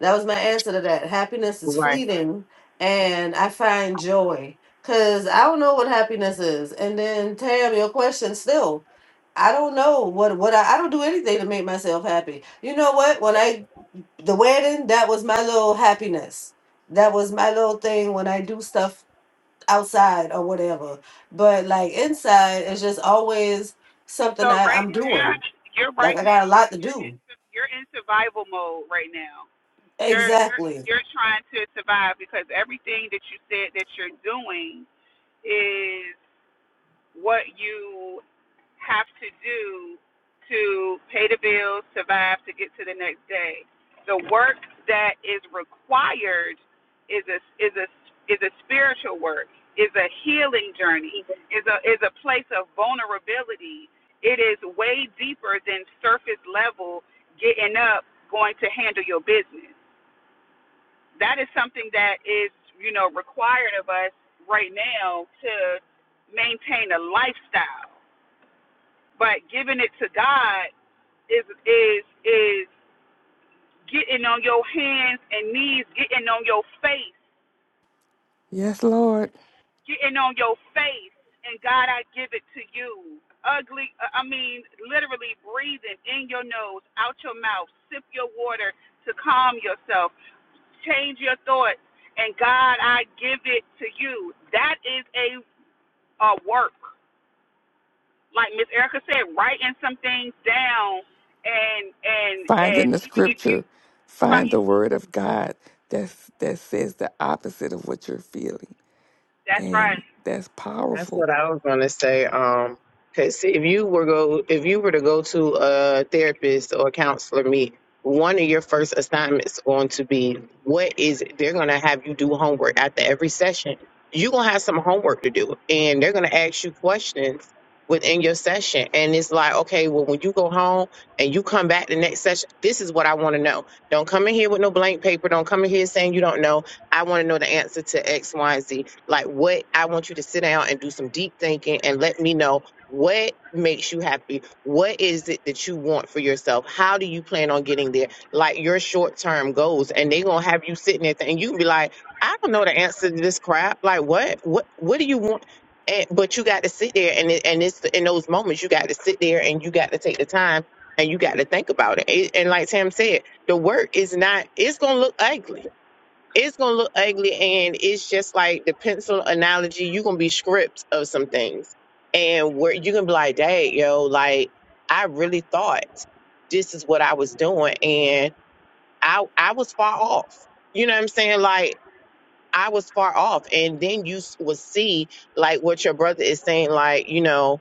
S3: That was my answer to that. Happiness is
S1: right.
S3: fleeting, and I find joy because I don't know what happiness is. And then, Tam, your question still. I don't know what what I, I don't do anything to make myself happy. You know what? When I the wedding, that was my little happiness. That was my little thing when I do stuff outside or whatever. But like inside, it's just always something
S2: So
S3: I,
S2: right
S3: I'm
S2: now,
S3: doing.
S2: you're
S3: Like
S2: right
S3: I got
S2: now.
S3: a lot to
S2: You're in
S3: do.
S2: you're in survival mode right now. You're you're
S3: Exactly.
S2: you're trying to survive because everything that you said that you're doing is what you have to do to pay the bills, survive, to get to the next day. The work that is required is a is a is a spiritual work, is a healing journey, is a is a place of vulnerability. It is way deeper than surface level getting up, going to handle your business. That is something that is, you know, required of us right now to maintain a lifestyle. But giving it to God is is is getting on your hands and knees, getting on your face,
S4: Yes, Lord.
S2: getting on your face, and God, I give it to you. Ugly, uh, I mean, literally breathing in your nose, out your mouth, sip your water to calm yourself, change your thoughts, and God, I give it to you. That is a a work, like Miss Erica said, writing some things down, and and
S4: Find
S2: and
S4: in the
S2: even if you,
S4: scripture, find the
S2: fi-
S4: word of God that's that says the opposite of what you're feeling.
S2: that's right.
S4: And that's
S1: That's
S4: powerful.
S1: what I was gonna say. Um, 'cause if you were go if you were to go to a therapist or counselor meet, one of your first assignments going to be what is they're gonna have you do homework after every session. You're gonna have some homework to do, and they're gonna ask you questions within your session. And it's like, okay, well, when you go home and you come back the next session, this is what I want to know. Don't come in here with no blank paper. Don't come in here saying you don't know. I want to know the answer to X, Y, and Z like, what I want you to sit down and do some deep thinking and let me know what makes you happy. What is it that you want for yourself? How do you plan on getting there? Like, your short term goals. And they're going to have you sitting there th- and you can be like, I don't know the answer to this crap. Like, what? What, what do you want? And, but you got to sit there and it, and it's in those moments you got to sit there and you got to take the time and you got to think about it. it and like Tam said, the work is not it's gonna look ugly it's gonna look ugly and it's just like the pencil analogy you're gonna be script of some things and where you can be like dad yo like i really thought this is what i was doing and i i was far off you know what i'm saying like i was far off and then you s- will see like what your brother is saying like you know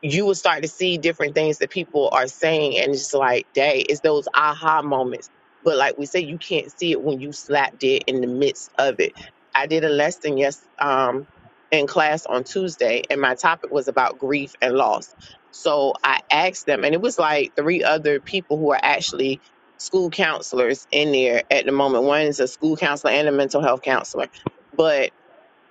S1: you will start to see different things that people are saying and it's just like day it's those aha moments but like we say you can't see it when you slapped it in the midst of it i did a lesson yes um in class on tuesday and my topic was about grief and loss so i asked them and it was like three other people who are actually school counselors in there at the moment one is a school counselor and a mental health counselor but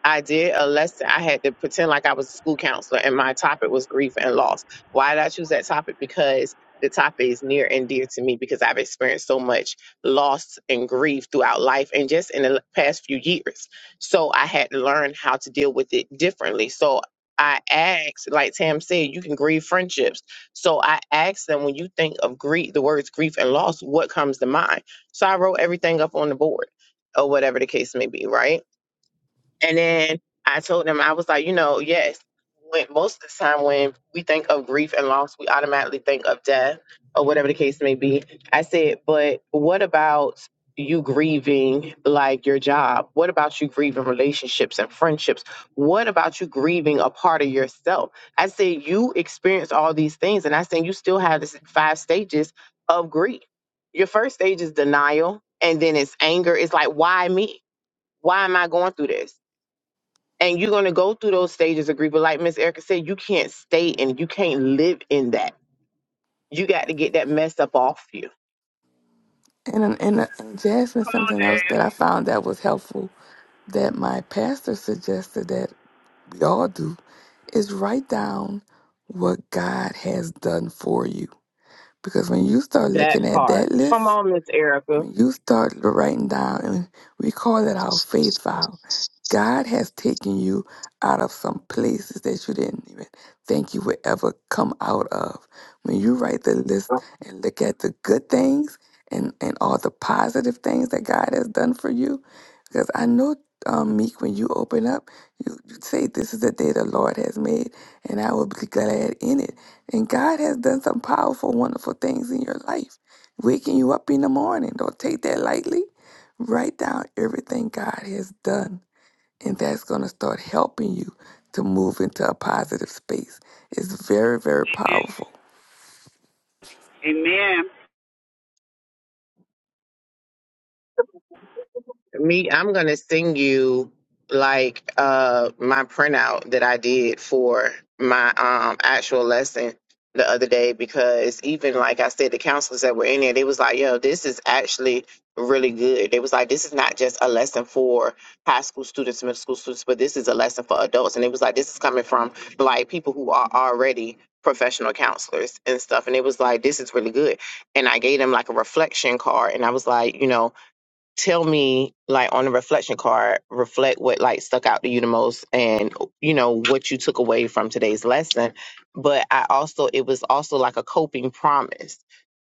S1: I did a lesson. I had to pretend like I was a school counselor, and my topic was grief and loss. Why did I choose that topic? Because the topic is near and dear to me because I've experienced so much loss and grief throughout life and just in the l- past few years. So I had to learn how to deal with it differently. So I asked, like Tam said, you can grieve friendships. So I asked them, when you think of grief, the words grief and loss, what comes to mind? So I wrote everything up on the board or whatever the case may be, right? And then I told them, I was like, you know, yes, when, most of the time when we think of grief and loss, we automatically think of death or whatever the case may be. I said, but what about you grieving like your job? What about you grieving relationships and friendships? What about you grieving a part of yourself? I said, you experience all these things. And I said, you still have this five stages of grief. Your first stage is denial, and then it's anger. It's like, why me? Why am I going through this? And you're gonna go through those stages of grief. But like Miss Erica said, you can't stay in it. You can't live in that. You got to get that mess up off you.
S4: And and, and Jasmine,
S2: Come on,
S4: something else
S2: Jay.
S4: that I found that was helpful that my pastor suggested that we all do, is write down what God has done for you. Because when you start
S1: That
S4: looking at
S1: part.
S4: that
S1: Come
S4: list,
S1: on, Miss Erica.
S4: when you start writing down, and we call it our faith vow, God has taken you out of some places that you didn't even think you would ever come out of. When you write the list and look at the good things and, and all the positive things that God has done for you, because I know, um, Meek, when you open up, you, you say, This is the day the Lord has made, and I will be glad in it. And God has done some powerful, wonderful things in your life waking you up in the morning. Don't take that lightly. Write down everything God has done, and that's going to start helping you to move into a positive space. It's very, very
S2: Amen.
S4: powerful.
S2: Amen.
S1: Me, I'm gonna send you like uh my printout that I did for my um actual lesson the other day because even like I said, the counselors that were in there, they was like, yo, this is actually really good. They was like, this is not just a lesson for high school students, middle school students, but this is a lesson for adults. And it was like, this is coming from like people who are already professional counselors and stuff. And it was like, this is really good. And I gave them like a reflection card and I was like, you know, tell me like on the reflection card reflect what like stuck out to you the most and you know what you took away from today's lesson but i also it was also like a coping promise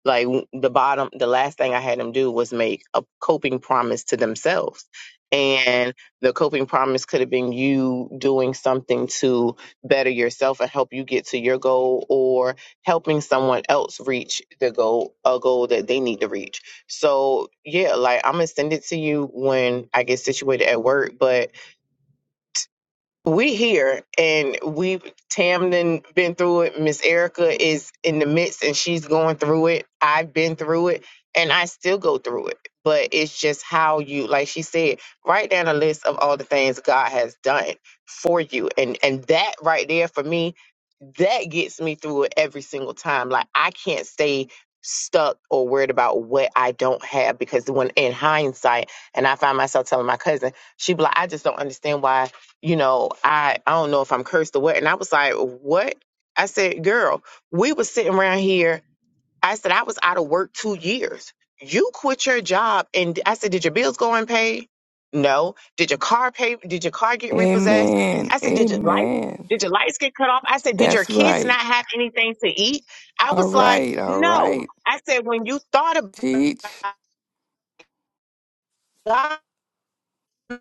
S1: like the bottom, the last thing I had them do was make a coping promise to themselves. And the coping promise could have been you doing something to better yourself and help you get to your goal or helping someone else reach the goal, a goal that they need to reach. So, yeah, like I'm going to send it to you when I get situated at work. But we here and we Tamden been through it. Miss Erica is in the midst and she's going through it. I've been through it and I still go through it. But it's just how you like she said, write down a list of all the things God has done for you. And and that right there for me, that gets me through it every single time. Like I can't stay stuck or worried about what I don't have because when in hindsight and I find myself telling my cousin, she be like, I just don't understand why you know, I I don't know if I'm cursed or what. And I was like, what? I said, girl, we was sitting around here. I said, I was out of work two years. You quit your job and I said, Did your bills go unpaid? No. Did your car pay did your car get repossessed?
S4: Amen.
S1: I said, Did your lights
S4: Amen.
S1: did your lights get cut off? I said, Did your
S4: That's
S1: kids not
S4: right.
S1: have anything to eat? I
S4: All
S1: was like,
S4: right. All
S1: No.
S4: right.
S1: I said, when you thought about
S4: Teach.
S1: God, and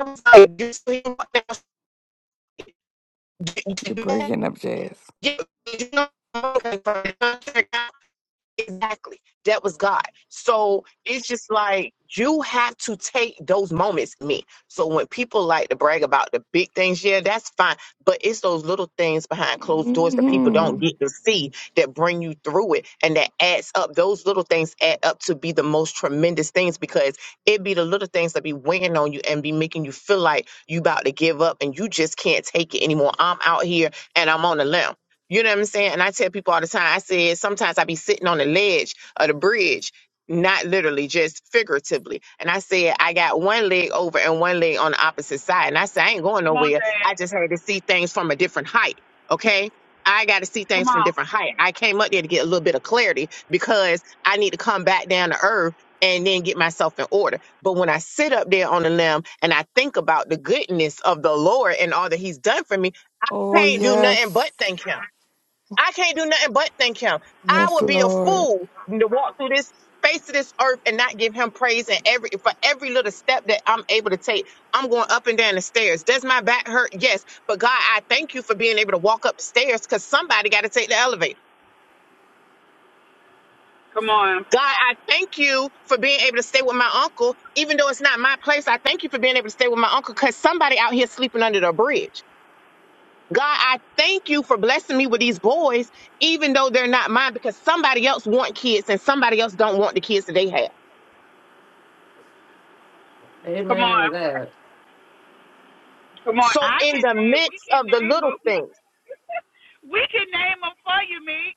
S1: I was like, you see,
S4: You're breaking up, Jazz.
S1: You, you know, okay, exactly. That was God. So it's just like you have to take those moments, me. So when people like to brag about the big things, yeah, that's fine. But it's those little things behind closed doors that people don't
S4: hmm
S1: get to see that bring you through it and that adds up. Those little things add up to be the most tremendous things because it be the little things that be weighing on you and be making you feel like you about to give up and you just can't take it anymore. I'm out here and I'm on the limb. You know what I'm saying? And I tell people all the time, I said sometimes I be sitting on the ledge of the bridge, not literally, just figuratively. And I said, I got one leg over and one leg on the opposite side. And I said, I ain't going
S2: Come on,
S1: nowhere. I
S2: Dad.
S1: just had to see things from a different height. Okay. I got to see
S2: Come
S1: things from
S2: on.
S1: different height. I came up there to get a little bit of clarity because I need to come back down to earth and then get myself in order. But when I sit up there on the limb and I think about the goodness of the Lord and all that He's done for me, I
S4: Oh,
S1: can't do nothing
S4: yes.
S1: but thank Him. I can't do nothing but thank him. I
S4: Yes,
S1: would be a
S4: Lord.
S1: fool to walk through this face of this earth and not give him praise and every for every little step that I'm able to take. I'm going up and down the stairs. Does my back hurt? Yes. But God, I thank you for being able to walk up the stairs because somebody got to take the elevator.
S2: Come on.
S1: God, I thank you for being able to stay with my uncle, even though it's not my place. I thank you for being able to stay with my uncle because somebody out here sleeping under the bridge. God, I thank you for blessing me with these boys, even though they're not mine, because somebody else want kids and somebody else don't want the kids that they have.
S2: Come
S3: Amen
S2: on.
S3: to that.
S2: Come on.
S1: So
S2: I
S1: in
S2: can
S1: the
S2: name. We
S1: midst
S2: can
S1: of the
S2: name
S1: little
S2: them.
S1: things,
S2: We can name them for you, Meek.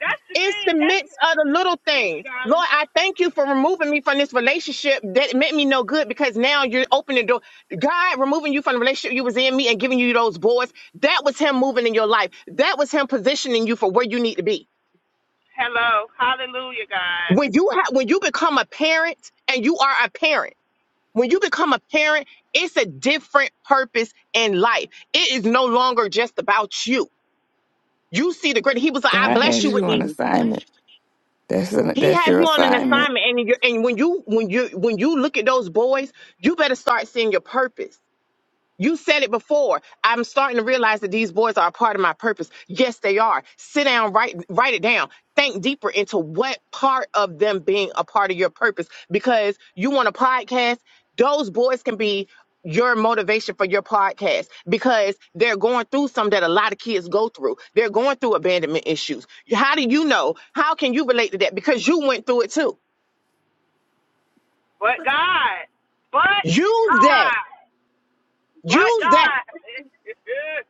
S2: That's the
S1: it's the
S2: thing. That's
S1: midst of the little
S2: thank you,
S1: things.
S2: darling.
S1: Lord, I thank you for removing me from this relationship that meant me no good because now you're opening the door. God removing you from the relationship you was in me and giving you those boys. That was him moving in your life. That was him positioning you for where you need to be.
S2: Hello. Hallelujah, God.
S1: When you ha- when you become a parent and you are a parent when you become a parent, it's a different purpose in life. It is no longer just about you. You see the great. He was like, "I
S4: God
S1: bless
S4: has
S1: you with
S4: you on
S1: these."
S4: assignment. That's, an,
S1: He
S4: that's
S1: has
S4: your
S1: you on an
S4: assignment.
S1: assignment, and you and when you when you when you look at those boys, you better start seeing your purpose. You said it before. I'm starting to realize that these boys are a part of my purpose. Yes, they are. Sit down, write write it down. Think deeper into what part of them being a part of your purpose because you want a podcast, those boys can be your motivation for your podcast because they're going through some that a lot of kids go through. They're going through abandonment issues. How do you know? How can you relate to that? Because you went through it too.
S2: But God. But
S1: Use that.
S2: God. But
S1: Use that
S2: God.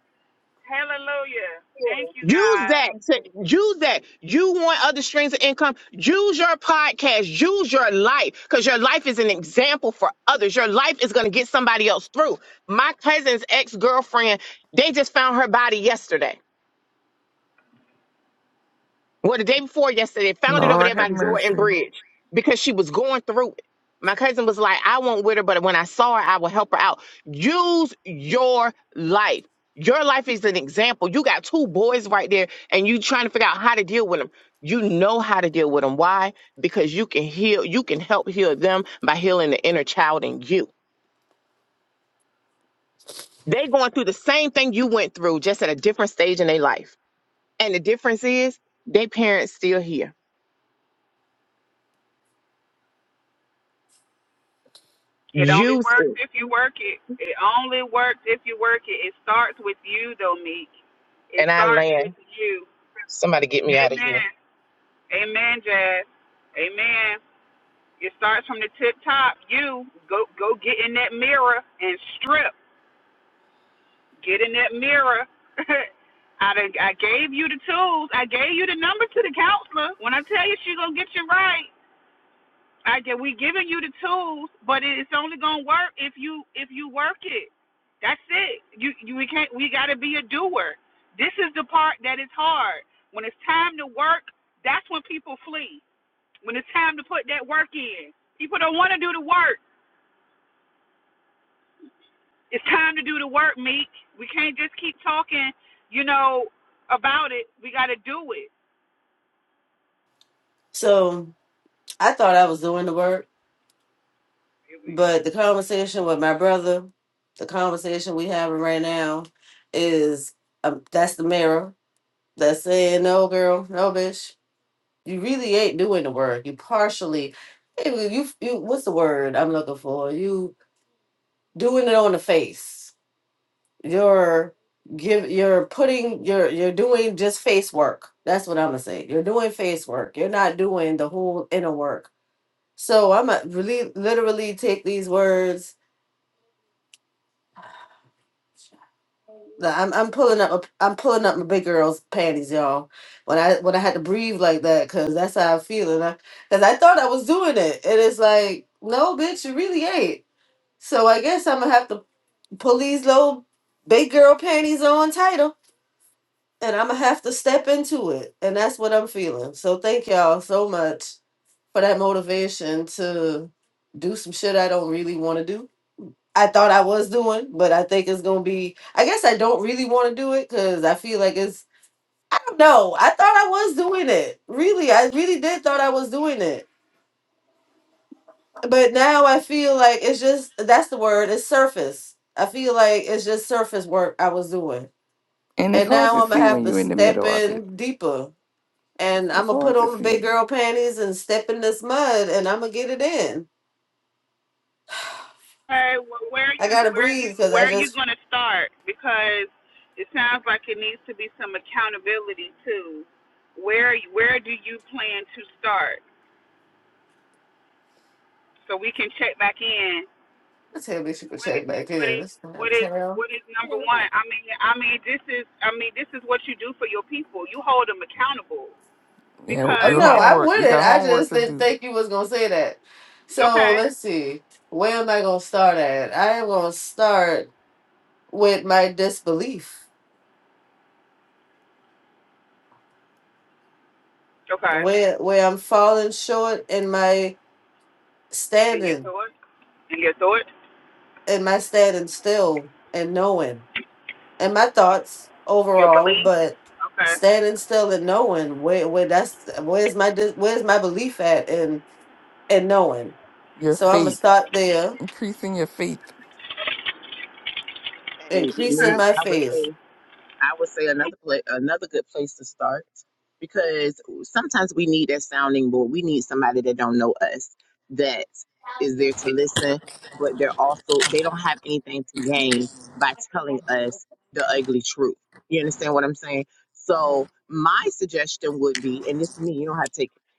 S2: Hallelujah. Thank you,
S1: Use
S2: God.
S1: that. To, use that. You want other streams of income? Use your podcast. Use your life because your life is an example for others. Your life is going to get somebody else through. My cousin's ex girlfriend, they just found her body yesterday. Well, the day before yesterday, found it over
S4: Lord
S1: there
S4: have
S1: by Jordan
S4: mercy.
S1: Bridge because she was going through it. My cousin was like, I won't with her, but when I saw her, I will help her out. Use your life. Your life is an example. You got two boys right there and you trying to figure out how to deal with them. You know how to deal with them. Why? Because you can heal, you can help heal them by healing the inner child in you. They going through the same thing you went through, just at a different stage in their life. And the difference is they parents still here.
S2: It only
S1: Use it
S2: works if you work it. It only works if you work it. It starts with you, though, Meek. It
S1: and I
S2: starts
S1: land.
S2: with you.
S1: Somebody get me out of here.
S2: Amen. Amen, Jazz. Amen. It starts from the tip top. You go go get in that mirror and strip. Get in that mirror. I done, I gave you the tools. I gave you the number to the counselor. When I tell you she gonna get you right, I get we giving you the tools, but it- it's only gonna work if you if you work it. That's it. You, you we can't we gotta be a doer. This is the part that is hard. When it's time to work, that's when people flee When it's time to put that work in, people don't want to do the work. It's time to do the work, Meek. We can't just keep talking, you know, about it. We got to do it.
S3: So I thought I was doing the work, but the conversation with my brother, the conversation we having right now, is um, that's the mirror that's saying, "No, girl, no, bitch, you really ain't doing the work. You partially, you, you, you- what's the word I'm looking for? You doing it on the face. You're give you're putting you're you're doing just face work. That's what I'm gonna say. You're doing face work. You're not doing the whole inner work." So I'm gonna really literally take these words Like, I'm I'm pulling up a, I'm pulling up my big girl's panties, y'all. When I when I had to breathe like that, cause that's how I feel, and I cause I thought I was doing it, and it's like, no, bitch, you really ain't. So I guess I'm gonna have to pull these little big girl panties on tighter, and I'm gonna have to step into it, and that's what I'm feeling. So thank y'all so much for that motivation to do some shit I don't really want to do I thought I was doing, but I think it's gonna be. I guess I don't really want to do it because I feel like it's. I don't know. I thought I was doing it. Really, I really did thought I was doing it, but now I feel like it's just that's the word. It's surface. I feel like it's just surface work I was doing,
S4: And it's
S3: and
S4: hard
S3: now
S4: to
S3: I'm gonna
S4: see
S3: have
S4: when
S3: to
S4: you're in the
S3: step
S4: middle of it.
S3: in deeper,
S4: It's,
S3: and I'm
S4: it's
S3: gonna put
S4: hard to
S3: on the big
S4: see.
S3: girl panties and step in this mud, and I'm gonna get it in.
S2: Okay, well, where are
S3: I
S2: you
S3: gotta
S2: where are
S3: breathe
S2: you
S3: because
S2: where
S3: I
S2: are you
S3: just.
S2: going to start? Because it sounds like it needs to be some accountability too. Where where do you plan to start so we can check back in
S3: Tell me she could
S2: what is
S3: check back
S2: what
S3: in.
S2: is
S3: It's damn
S2: what is
S3: town.
S2: what is number one? I mean, I mean, this is I mean, this is what you do for your people. You hold them accountable
S4: Yeah,
S3: Oh
S2: because
S4: your
S3: no, I am
S4: homework.
S3: with
S4: You
S3: it.
S4: got
S3: I
S4: homework
S3: just
S4: to
S3: didn't
S4: do.
S3: think you was gonna say that. So
S2: okay,
S3: let's see. Where am I gonna start at? I am gonna start with my disbelief.
S2: okay,
S3: Where where I'm falling short in my
S2: and your
S3: standing
S2: thought, and your thought,
S3: in my standing still and knowing. And my thoughts
S2: your
S3: overall,
S2: belief.
S3: but
S2: Okay.
S3: standing still and knowing where where that's where's my dis, where's my belief at and and knowing.
S4: Your
S3: So I'm gonna
S4: faith,
S3: start there,
S4: increasing your faith.
S1: And me,
S3: increasing my
S1: I would
S3: faith.
S1: say, I would say another place, another good place to start, because sometimes we need that sounding board. We need somebody that don't know us that is there to listen, but they're also they don't have anything to gain by telling us the ugly truth. You understand what I'm saying? So my suggestion would be, and this is me, you don't have to take it,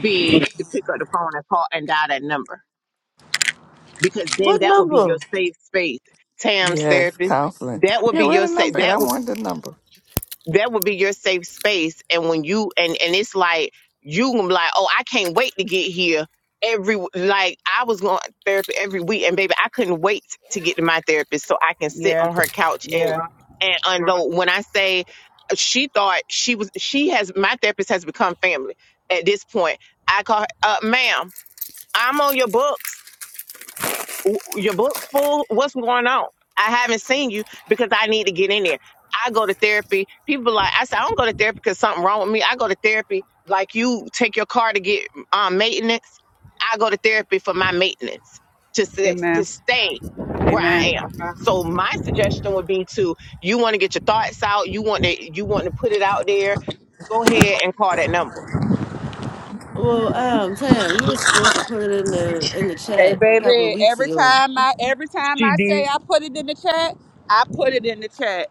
S1: be to pick up the phone and call and dial that number because then
S3: What
S1: that would be
S3: number?
S1: your safe space. Tam's
S4: Yes,
S1: therapist,
S4: counseling.
S1: that would
S4: Yeah,
S1: be
S4: where
S1: your
S4: the
S1: safe
S4: number at? I
S1: that would
S4: want the number.
S1: that would be your safe space. And when you and and it's like you gonna be like, oh, I can't wait to get here every like I was going to therapy every week, and baby, I couldn't wait to get to my therapist so I can sit
S2: Yeah,
S1: on her couch and
S2: yeah.
S1: Right. and unload. When I say uh, she thought she was she has my therapist has become family at this point. I call her, uh, ma'am, I'm on your books. W- Your book's full. What's going on? I haven't seen you because I need to get in there. I go to therapy. People like I said, I don't go to therapy because something wrong with me. I go to therapy like you take your car to get um, maintenance. I go to therapy for my maintenance to s- to
S2: Amen.
S1: stay where I am.
S2: Amen.
S1: Uh. So my suggestion would be to you want to get your thoughts out. You want to you want to put it out there. Go ahead and call that number.
S3: Well, um, Tam, you was supposed to put it in the in the
S2: Hey,
S3: chat a couple of
S2: baby.
S3: weeks
S2: Every
S3: ago.
S2: time I every time I say I put it in the chat, I put it in the chat.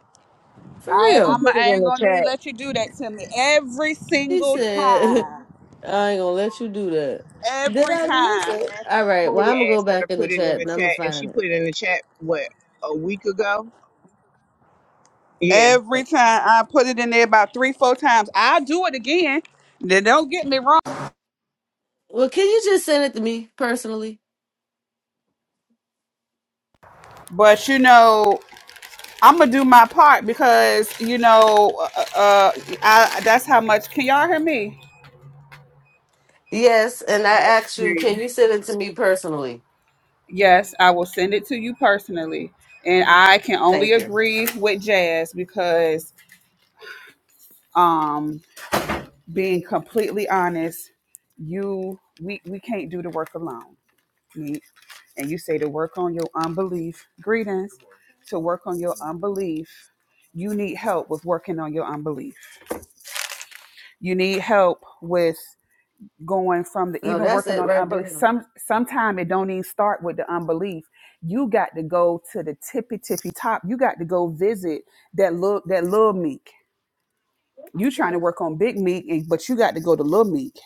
S3: For
S2: I ain't,
S3: real.
S2: I'm, I ain't gonna even let you do that to me. Every
S3: She
S2: single
S3: said,
S2: time.
S3: I ain't gonna let you do that. Did
S2: Every
S3: I miss
S2: time.
S3: it?
S1: asked
S3: All right,
S1: Toya
S3: well I'm gonna go
S1: asked her
S3: back
S1: to
S3: in the
S1: put it in
S3: chat
S1: the
S3: and I'm gonna
S1: chat, and she
S3: find it.
S1: put it in the chat what a week ago. Yeah,
S2: Every
S3: Oh.
S2: time I put it in there about three, four times. I do it again. Then don't get me wrong,
S3: Well, can you just send it to me personally?
S2: but you know I'm gonna do my part because you know uh, uh, uh, I, that's how much. Can y'all hear me?
S3: Yes, and I
S1: yeah,
S3: asked you,
S1: yeah.
S3: can you send it to me personally?
S2: Yes, I will send it to you personally, and I can only
S3: Thank you.
S2: agree with Jazz because um, being completely honest, you we we can't do the work alone me and you say to work on your unbelief, greetings, to work on your unbelief, you need help with working on your unbelief. You need help with going from the
S3: No,
S2: even
S3: that's
S2: working
S3: it
S2: on
S3: right
S2: unbelief.
S3: there.
S2: Some sometimes it don't even start with the unbelief. You got to go to the tippy tippy top. You got to go visit that little that little meek. You trying to work on big meek, and but you got to go to little meek.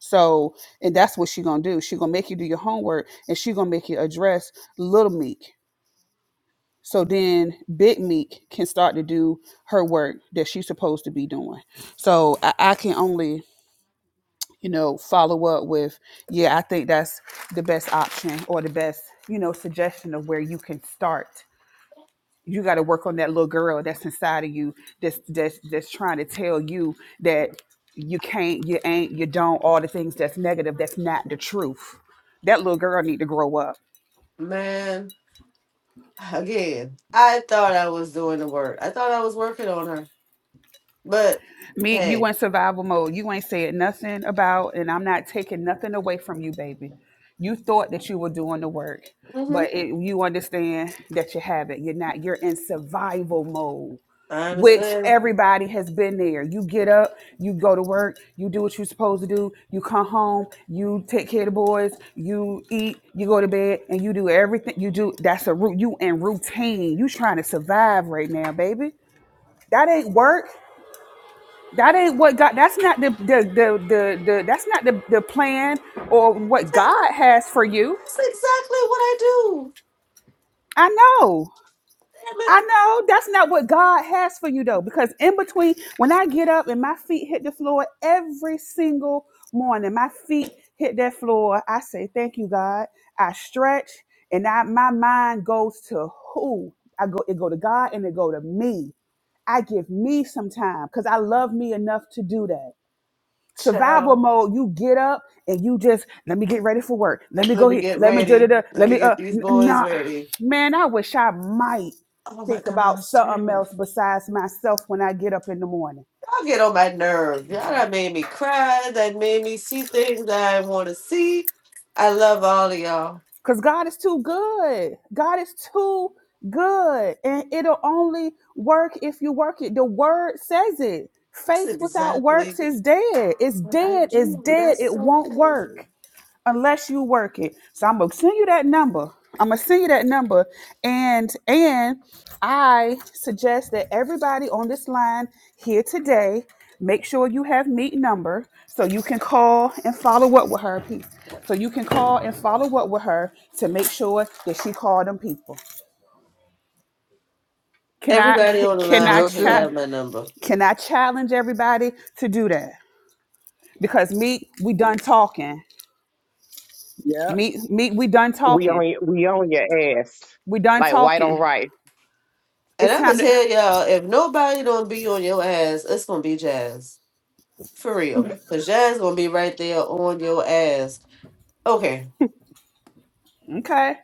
S2: So, and that's what she gonna do. She gonna make you do your homework, and she gonna make you address little meek So then Big Meek can start to do her work that she's supposed to be doing. So I, I can only, you know, follow up with, yeah, I think that's the best option or the best, you know, suggestion of where you can start. You got to work on that little girl that's inside of you that's, that's that's trying to tell you that you can't, you ain't, you don't, all the things that's negative, that's not the truth. That little girl need to grow up
S3: Man, again, I thought I was doing the work. I thought I was working on her. But
S2: Me, you
S3: hey,
S2: in survival mode. You ain't said nothing about, and I'm not taking nothing away from you, baby. You thought that you were doing the work,
S3: hmm
S2: but it, you understand that you haven't. You're not. You're in survival mode,
S3: I
S2: which
S3: understand
S2: everybody has been there. You get up, you go to work, you do what you're supposed to do. You come home, you take care of the boys, you eat, you go to bed, and you do everything you do. That's a root. You in routine. You trying to survive right now, baby. That ain't work. That ain't what God. That's not the the the the, the that's not the, the plan or what
S3: Damn,
S2: God has for you.
S3: that's exactly what I do.
S2: I know.
S3: Damn it.
S2: I know that's not what God has for you though, because in between, when I get up and my feet hit the floor every single morning, my feet hit that floor. I say, "Thank you, God." I stretch, and I my mind goes to who I go. It go to God, and it go to me. I give me some time because I love me enough to do that. survival
S3: Child,
S2: mode you get up and you just let me get ready for work let me go
S3: let me
S2: here
S3: get
S2: let me da da
S3: ready.
S2: da
S3: Let
S2: let
S3: me
S2: me uh
S3: get these
S2: n-
S3: boys
S2: nah
S3: ready.
S2: man i wish i might
S3: Oh my
S2: think about
S3: gosh, damn.
S2: something else
S3: Y'all
S2: besides myself when i get up in the morning
S3: get on my nerves. Y'all that made me cry. That made me see things that I want to see. I love all of y'all.
S2: because god is too good god is too good and it'll only work if you work it the word says it
S3: That's
S2: faith without
S3: exactly
S2: works is dead it's
S3: what I
S2: dead it's
S3: do.
S2: dead
S3: That's
S2: it
S3: so
S2: won't work
S3: crazy.
S2: unless you work it. So I'm gonna send you that number. I'm gonna send you that number, and and I suggest that everybody on this line here today make sure you have meet number so you can call and follow up with her. Peace. So you can call and follow up with her to make sure that she called them people. Can I
S3: Everybody
S2: ca-
S3: on the
S2: can I
S3: line
S4: Will
S3: should
S2: cha-
S4: do.
S3: have my number.
S2: can I challenge everybody to do that? Because meet we done talking.
S1: Yep.
S2: Meet meet we done
S1: We
S2: talking.
S1: only we only asked
S2: We done
S1: like white on
S2: talking.
S1: rice.
S3: And
S2: It's
S3: I'ma
S2: time to
S3: tell y'all, if nobody don't be on your ass, it's gonna be Jazz. For real. Cause Jazz gonna be right there on your ass. Okay.
S2: okay.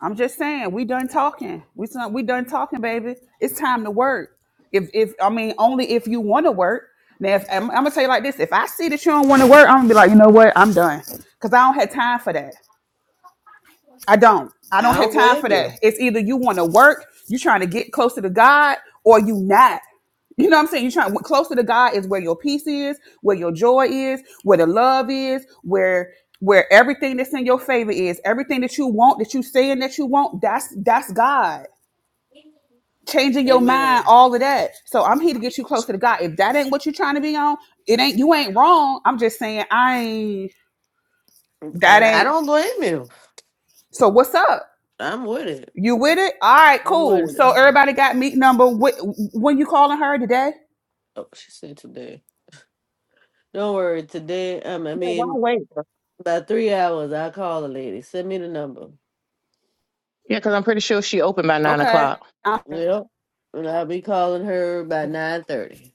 S2: I'm just saying we done talking. We done, we done talking, baby. It's time to work. If if I mean only if you want to work. Now if I'm, I'm gonna tell you like this: if I see that you don't want to work, I'm gonna be like, you know what? I'm done because I don't have time for that. I don't. I
S3: I
S2: don't have
S3: don't
S2: time for
S3: blame
S2: that.
S3: you.
S2: It's either you want to work, you trying to get closer to God, or you not. You know what I'm saying? You're trying closer to God is where your peace is, where your joy is, where the love is, where where everything that's in your favor is, everything that you want, that you saying that you want, that's that's God. Changing your mind,
S3: Amen.
S2: all of that. So I'm here to get you closer to God. If that ain't what you're trying to be on, it ain't you ain't wrong. I'm just saying I ain't that
S3: And I
S2: ain't
S3: don't blame you.
S2: so what's up?
S3: I'm with it.
S2: You with it? All right,
S3: I'm
S2: cool.
S3: with it.
S2: So everybody got meet number. Wh- When you calling her today?
S3: Oh, she said today. Don't worry, today um I
S1: Yeah, why
S3: mean
S1: wait?
S3: about three hours I'll call the lady. Send me the number.
S1: Yeah, because I'm pretty sure she opened by nine
S2: Okay.
S1: o'clock.
S2: Uh,
S3: Yep. And I'll be calling her by nine thirty.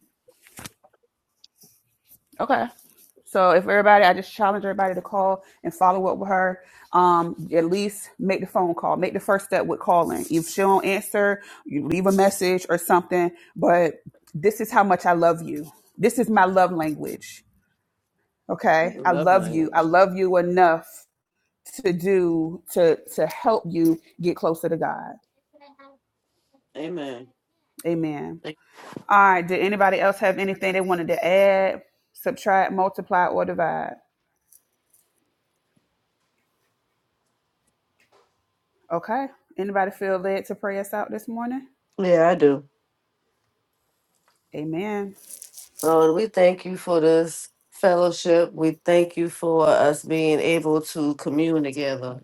S2: Okay. So if everybody, I just challenge everybody to call and follow up with her. Um, at least make the phone call. Make the first step with calling. If she don't answer, you leave a message or something. But this is how much I love you. This is my love language.
S3: I
S2: Okay, I
S3: love
S2: love you. I
S3: language.
S2: love you enough to do to to help you get closer to God.
S3: Amen.
S2: Amen. All right. Did anybody else have anything they wanted to add, subtract, multiply, or divide? Okay. Anybody feel led to pray us out this morning?
S3: Yeah, I do.
S2: Amen.
S3: Lord, we thank you for this fellowship. We thank you for us being able to commune together.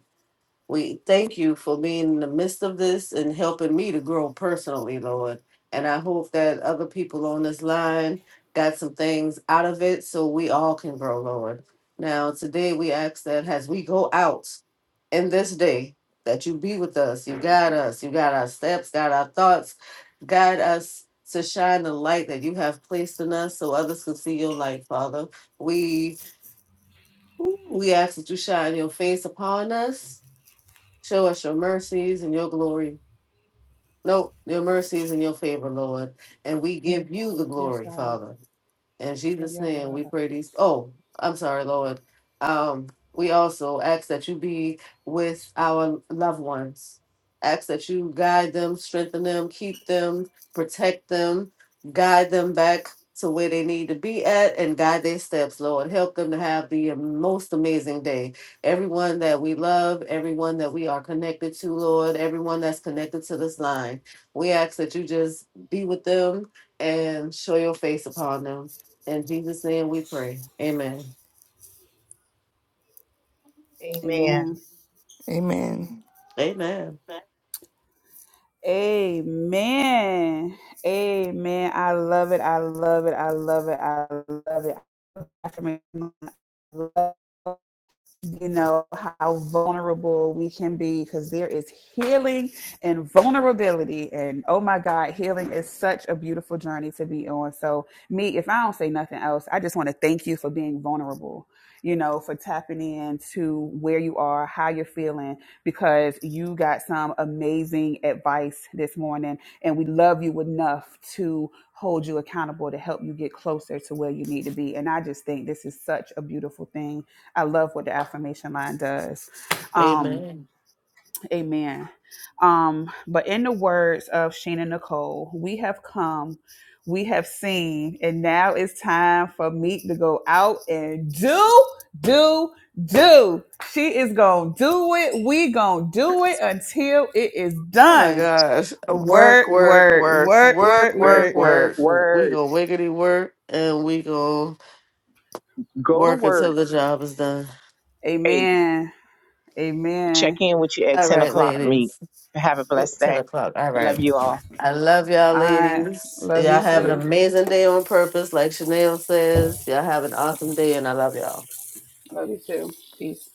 S3: We thank you for being in the midst of this and helping me to grow personally, Lord. And I hope that other people on this line got some things out of it so we all can grow, Lord. Now, today we ask that as we go out in this day, that you be with us, you guide us, you guide our steps, guide our thoughts, guide us to shine the light that you have placed in us so others can see your light, Father. We we ask that you shine your face upon us Show us your mercies and your glory. No, your mercies and your favor, Lord. And we give you the
S2: Yes,
S3: glory,
S2: God.
S3: Father. In Jesus'
S2: Yes,
S3: name, we
S2: God.
S3: pray these. Oh, I'm sorry, Lord. Um, we also ask that you be with our loved ones. Ask that you guide them, strengthen them, keep them, protect them, guide them back to where they need to be at, and guide their steps, Lord. Help them to have the most amazing day. Everyone that we love, everyone that we are connected to, Lord, everyone that's connected to this line, we ask that you just be with them and show your face upon them. In Jesus' name we pray. Amen.
S1: Amen.
S2: Amen.
S4: Amen.
S3: Amen.
S2: Amen. Amen. I love it. I love it. I love it. I love it. I love you know how vulnerable we can be because there is healing and vulnerability and oh my god healing is such a beautiful journey to be on so me if i don't say nothing else i just want to thank you for being vulnerable you know for tapping into where you are how you're feeling because you got some amazing advice this morning and we love you enough to hold you accountable to help you get closer to where you need to be and i just think this is such a beautiful thing I love what the affirmation line does. Um,
S3: Amen.
S2: amen. Um, but in the words of Sheena Nicole, we have come, we have seen, and now it's time for me to go out and do, do, do. She is gonna do it. We gonna do it until it is
S3: Oh my
S2: done.
S3: gosh.
S2: Work,
S3: Work, work,
S2: work,
S3: work,
S2: work, work,
S3: work,
S1: Work,
S3: work,
S2: work.
S1: work,
S3: work. We
S1: work.
S3: gonna wiggity work and we gonna
S1: Go to
S3: work until
S1: work.
S3: the job is done.
S1: Eight.
S2: Amen.
S1: Check
S2: Amen.
S1: in with you at
S3: All
S1: ten
S3: right,
S1: o'clock. Meet.
S3: ladies.
S1: Have a
S3: Oop,
S1: blessed
S3: Ten
S1: day.
S3: o'clock. All
S1: Love
S3: right.
S1: you all.
S3: I love y'all
S2: All right.
S3: ladies.
S2: Love you
S3: Y'all have an
S2: too.
S3: amazing day on purpose, like Chanel says. Y'all have an awesome day and I love y'all.
S2: Love you too. Peace.